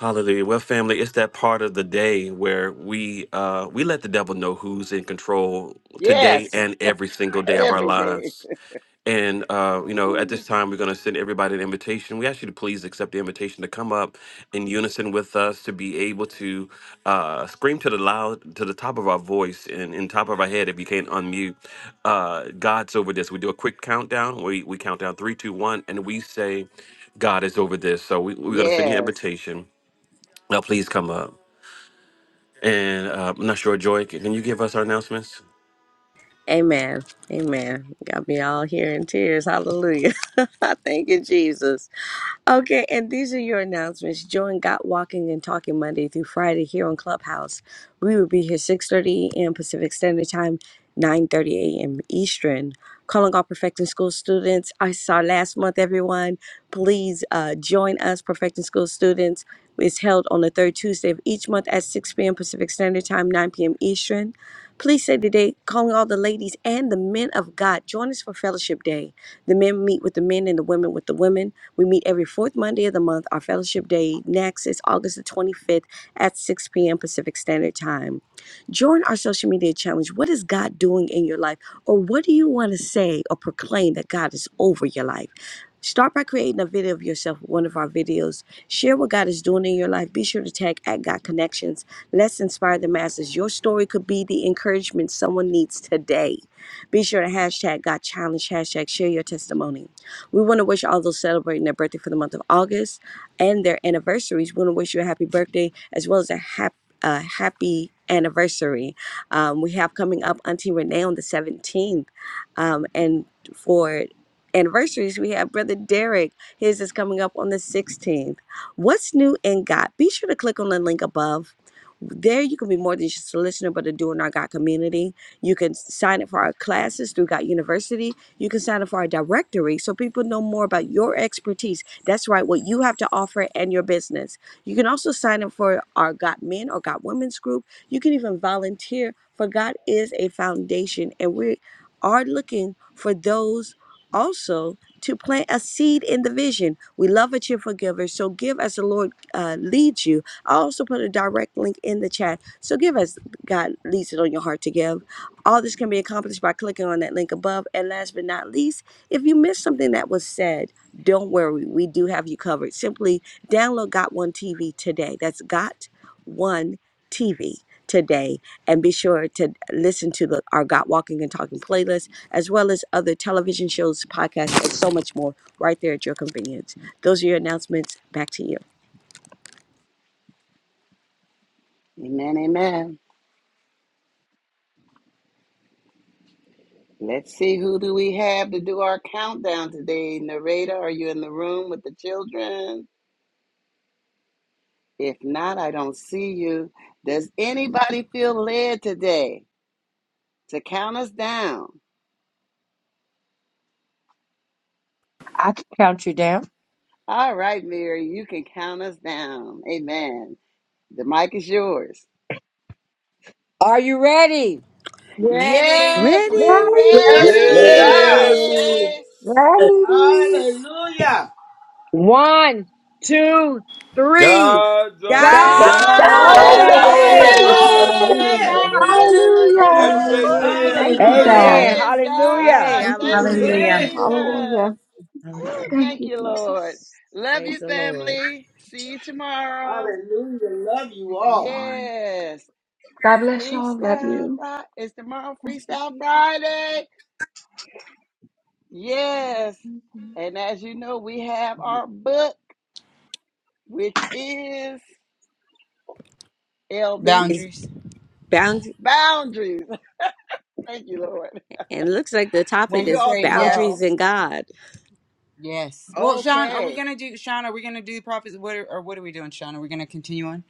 Speaker 1: Hallelujah. Well, family, it's that part of the day where we uh we let the devil know who's in control today
Speaker 3: Yes,
Speaker 1: and every single day of our
Speaker 3: every day.
Speaker 1: lives. And uh, you know, at this
Speaker 3: Ooh,
Speaker 1: time, we're going to send everybody an invitation. We ask you to please accept the invitation to come up in unison with us to be able to uh, scream to the loud, to the top of our voice and in top of our head. If you can't unmute, uh, God's over this. We do a quick countdown. We we count down three, two, one, and we say, "God is over this." So we, we're going to send you an
Speaker 3: Yes.
Speaker 1: invitation. Now, please come up. And uh, I'm not sure, Joy, can can you give us our announcements?
Speaker 6: Amen. Amen. Got me all here in tears. Hallelujah. Thank you, Jesus. Okay, and these are your announcements. Join Got Walking and Talking Monday through Friday here on Clubhouse. We will be here 6.30 a.m. Pacific Standard Time, 9.30 a.m. Eastern. Calling all Perfecting School students. I saw last month, everyone. Please uh, join us, Perfecting School students. It's held on the third Tuesday of each month at 6 p.m. Pacific Standard Time, 9 p.m. Eastern. Please say today, calling all the ladies and the men of God, join us for Fellowship Day. The men meet with the men and the women with the women. We meet every fourth Monday of the month. Our Fellowship Day next is August the 25th at 6 p.m. Pacific Standard Time. Join our social media challenge. What is God doing in your life? Or what do you want to say or proclaim that God is over your life? Start by creating a video of yourself, one of our videos. Share what God is doing in your life. Be sure to tag at God Connections Let's inspire the masses. Your story could be the encouragement someone needs today. Be sure to hashtag got challenge, hashtag share your testimony. We want to wish all those celebrating their birthday for the month of August and their anniversaries. We want to wish you a happy birthday as well as a happy a happy anniversary. Um, we have coming up Auntie Renee on the 17th. Um, and for anniversaries, we have Brother Derek. His is coming up on the 16th. What's new in God? Be sure to click on the link above there, you can be more than just a listener, but a doer in our God community. You can sign up for our classes through God University. You can sign up for our directory so people know more about your expertise. That's right, what you have to offer and your business. You can also sign up for our God Men or God Women's group. You can even volunteer, for God is a foundation, and we are looking for those also to plant a seed in the vision. We love a cheerful giver, so give as the Lord uh, leads you I also put a direct link in the chat. So give as God leads it on your heart to give. All this can be accomplished by clicking on that link above. And last but not least, if you missed something that was said, don't worry. We do have you covered. Simply download Got One TV today. That's Got One TV today. And be sure to listen to the, our Got Walking and Talking playlist, as well as other television shows, podcasts, and so much more right there at your convenience. Those are your announcements. Back to you.
Speaker 3: Amen, amen. Let's see who do we have to do our countdown today. Narrator, are you in the room with the children? If not, I don't see you. Does anybody feel led today to count us down?
Speaker 5: I can count you down.
Speaker 3: All right, Mary, you can count us down. Amen. The mic is yours.
Speaker 5: Are you ready?
Speaker 8: Ready.
Speaker 3: Yes, we're
Speaker 6: Ready?
Speaker 10: Yes,
Speaker 3: ready,
Speaker 10: we
Speaker 11: Ready,
Speaker 10: are.
Speaker 12: Yes,
Speaker 3: Mary.
Speaker 11: ready.
Speaker 10: Hallelujah.
Speaker 5: One, two, three.
Speaker 12: God's
Speaker 6: God's
Speaker 5: God
Speaker 13: That's
Speaker 8: God's
Speaker 12: over
Speaker 3: God
Speaker 13: all
Speaker 6: over
Speaker 8: over
Speaker 11: God's
Speaker 3: is
Speaker 5: over
Speaker 10: God
Speaker 3: over
Speaker 10: is
Speaker 11: over
Speaker 5: this.
Speaker 12: this.
Speaker 6: this.
Speaker 8: this.
Speaker 10: over
Speaker 3: this.
Speaker 11: this.
Speaker 6: Woo,
Speaker 10: this.
Speaker 6: woo, woo, woo, woo, woo,
Speaker 11: Hallelujah.
Speaker 12: Have
Speaker 6: woo,
Speaker 12: a great
Speaker 6: woo,
Speaker 3: Hallelujah.
Speaker 6: woo.
Speaker 12: day,
Speaker 11: Thank you,
Speaker 8: God's over
Speaker 10: Hallelujah.
Speaker 12: everybody.
Speaker 5: Amen.
Speaker 11: God.
Speaker 3: Praise
Speaker 5: Hallelujah.
Speaker 6: Hey,
Speaker 3: God.
Speaker 11: Thank you,
Speaker 3: Thank
Speaker 8: this.
Speaker 3: you,
Speaker 11: Jesus.
Speaker 6: hallelujah.
Speaker 7: Yeah.
Speaker 10: Praise the Lord.
Speaker 11: Hallelujah.
Speaker 3: Jesus. Woo,
Speaker 11: Thank
Speaker 3: thank
Speaker 11: you,
Speaker 3: you, Lord.
Speaker 11: Jesus.
Speaker 3: Love
Speaker 6: Praise
Speaker 11: Thank
Speaker 3: you,
Speaker 6: the
Speaker 11: you, Jesus.
Speaker 6: Lord.
Speaker 3: family. See you tomorrow.
Speaker 10: Hallelujah. Love you
Speaker 11: Thank you,
Speaker 10: all.
Speaker 11: Lord.
Speaker 3: Yes.
Speaker 11: God bless y'all. Love
Speaker 3: Freestyle
Speaker 11: you.
Speaker 3: Friday. Is tomorrow
Speaker 11: Thank you,
Speaker 3: Freestyle
Speaker 11: Jesus.
Speaker 3: Friday? Yes.
Speaker 11: Thank you, Jesus.
Speaker 3: And as you know, we have our book, which is LB
Speaker 6: It's
Speaker 2: Boundaries.
Speaker 6: boundary
Speaker 3: Boundaries. Thank you, Lord.
Speaker 6: and it looks like the
Speaker 2: When
Speaker 6: topic
Speaker 3: See
Speaker 2: to
Speaker 3: you
Speaker 6: is
Speaker 3: all
Speaker 2: say
Speaker 3: tomorrow.
Speaker 6: boundaries
Speaker 2: yes.
Speaker 6: in God.
Speaker 2: Yes. Well, Sean, are we
Speaker 3: Okay.
Speaker 2: gonna do Sean? Are we gonna do prophets? What are, or what are we doing, Sean? Are we gonna continue on?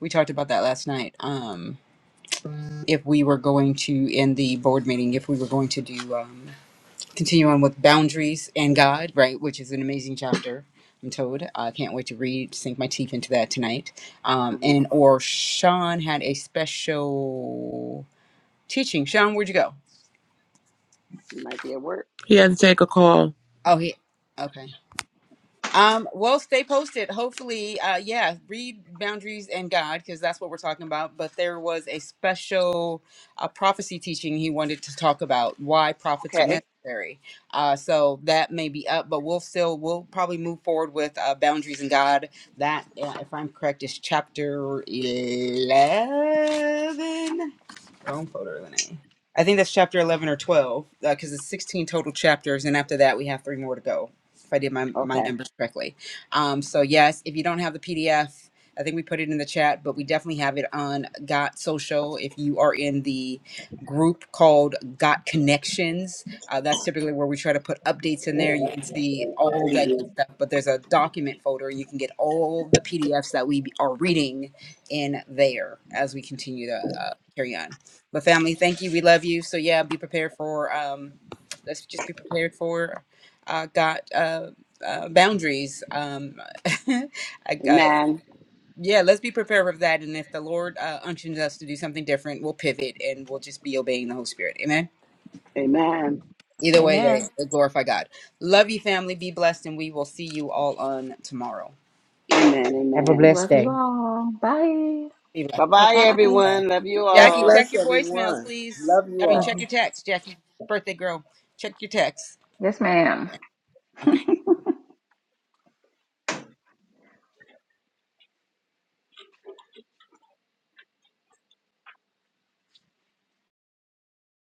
Speaker 2: we talked about that last night. Um, if we were going to in the board meeting, if we were going to do um, continue on with boundaries and God, right, which is an amazing chapter. I'm told. I can't wait to read, sink my teeth into that tonight. Um,
Speaker 3: hmm
Speaker 2: and or Sean had a special teaching. Sean, where'd you go?
Speaker 3: You might be at work.
Speaker 14: He had to take a call.
Speaker 2: Oh, he. Okay. Um, well, stay posted. Hopefully, uh, yeah, read Boundaries and God because that's what we're talking about. But there was a special uh, prophecy teaching he wanted to talk about why prophets are
Speaker 3: Okay.
Speaker 2: necessary. Uh, so that may be up, but we'll still we'll probably move forward with uh, Boundaries and God. That, uh, if I'm correct, is chapter eleven. Phone folder than A. I think that's chapter 11 or 12 because it's 16 total chapters, and after that, we have three more to go. If I did my, my
Speaker 3: Okay.
Speaker 2: numbers correctly. Um, so, yes, if you don't have the PDF, I think we put it in the chat, but we definitely have it on Got Social. If you are in the group called Got Connections, uh, that's typically where we try to put updates in there. You can see all that good stuff, but there's a document folder. You can get all the PDFs that we are reading in there as we continue to uh, carry on. But family, thank you. We love you. So yeah, be prepared for. Um, let's just be prepared for. Uh, got uh, uh, boundaries. Um, I, I,
Speaker 3: Amen.
Speaker 2: yeah, let's be prepared for that. And if the Lord uh, unctions us to do something different, we'll pivot and we'll just be obeying the Holy Spirit. Amen.
Speaker 3: Amen.
Speaker 2: Either way,
Speaker 6: Amen.
Speaker 2: they, they glorify God. Love you, family. Be blessed, and we will see you all on tomorrow.
Speaker 3: Amen.
Speaker 5: Have a
Speaker 11: I
Speaker 3: Amen.
Speaker 5: blessed
Speaker 11: love you
Speaker 5: day.
Speaker 11: all. Bye.
Speaker 2: Be blessed.
Speaker 3: Bye bye,
Speaker 2: Bye.
Speaker 3: everyone. Love you
Speaker 10: God
Speaker 2: Jackie,
Speaker 3: all.
Speaker 2: check
Speaker 10: bless
Speaker 2: your voicemails,
Speaker 10: everyone.
Speaker 2: please.
Speaker 10: Love
Speaker 2: I
Speaker 10: you
Speaker 2: mean,
Speaker 10: all.
Speaker 2: check your text, Jackie. Birthday girl, check your text.
Speaker 11: Yes, ma'am.
Speaker 2: Okay.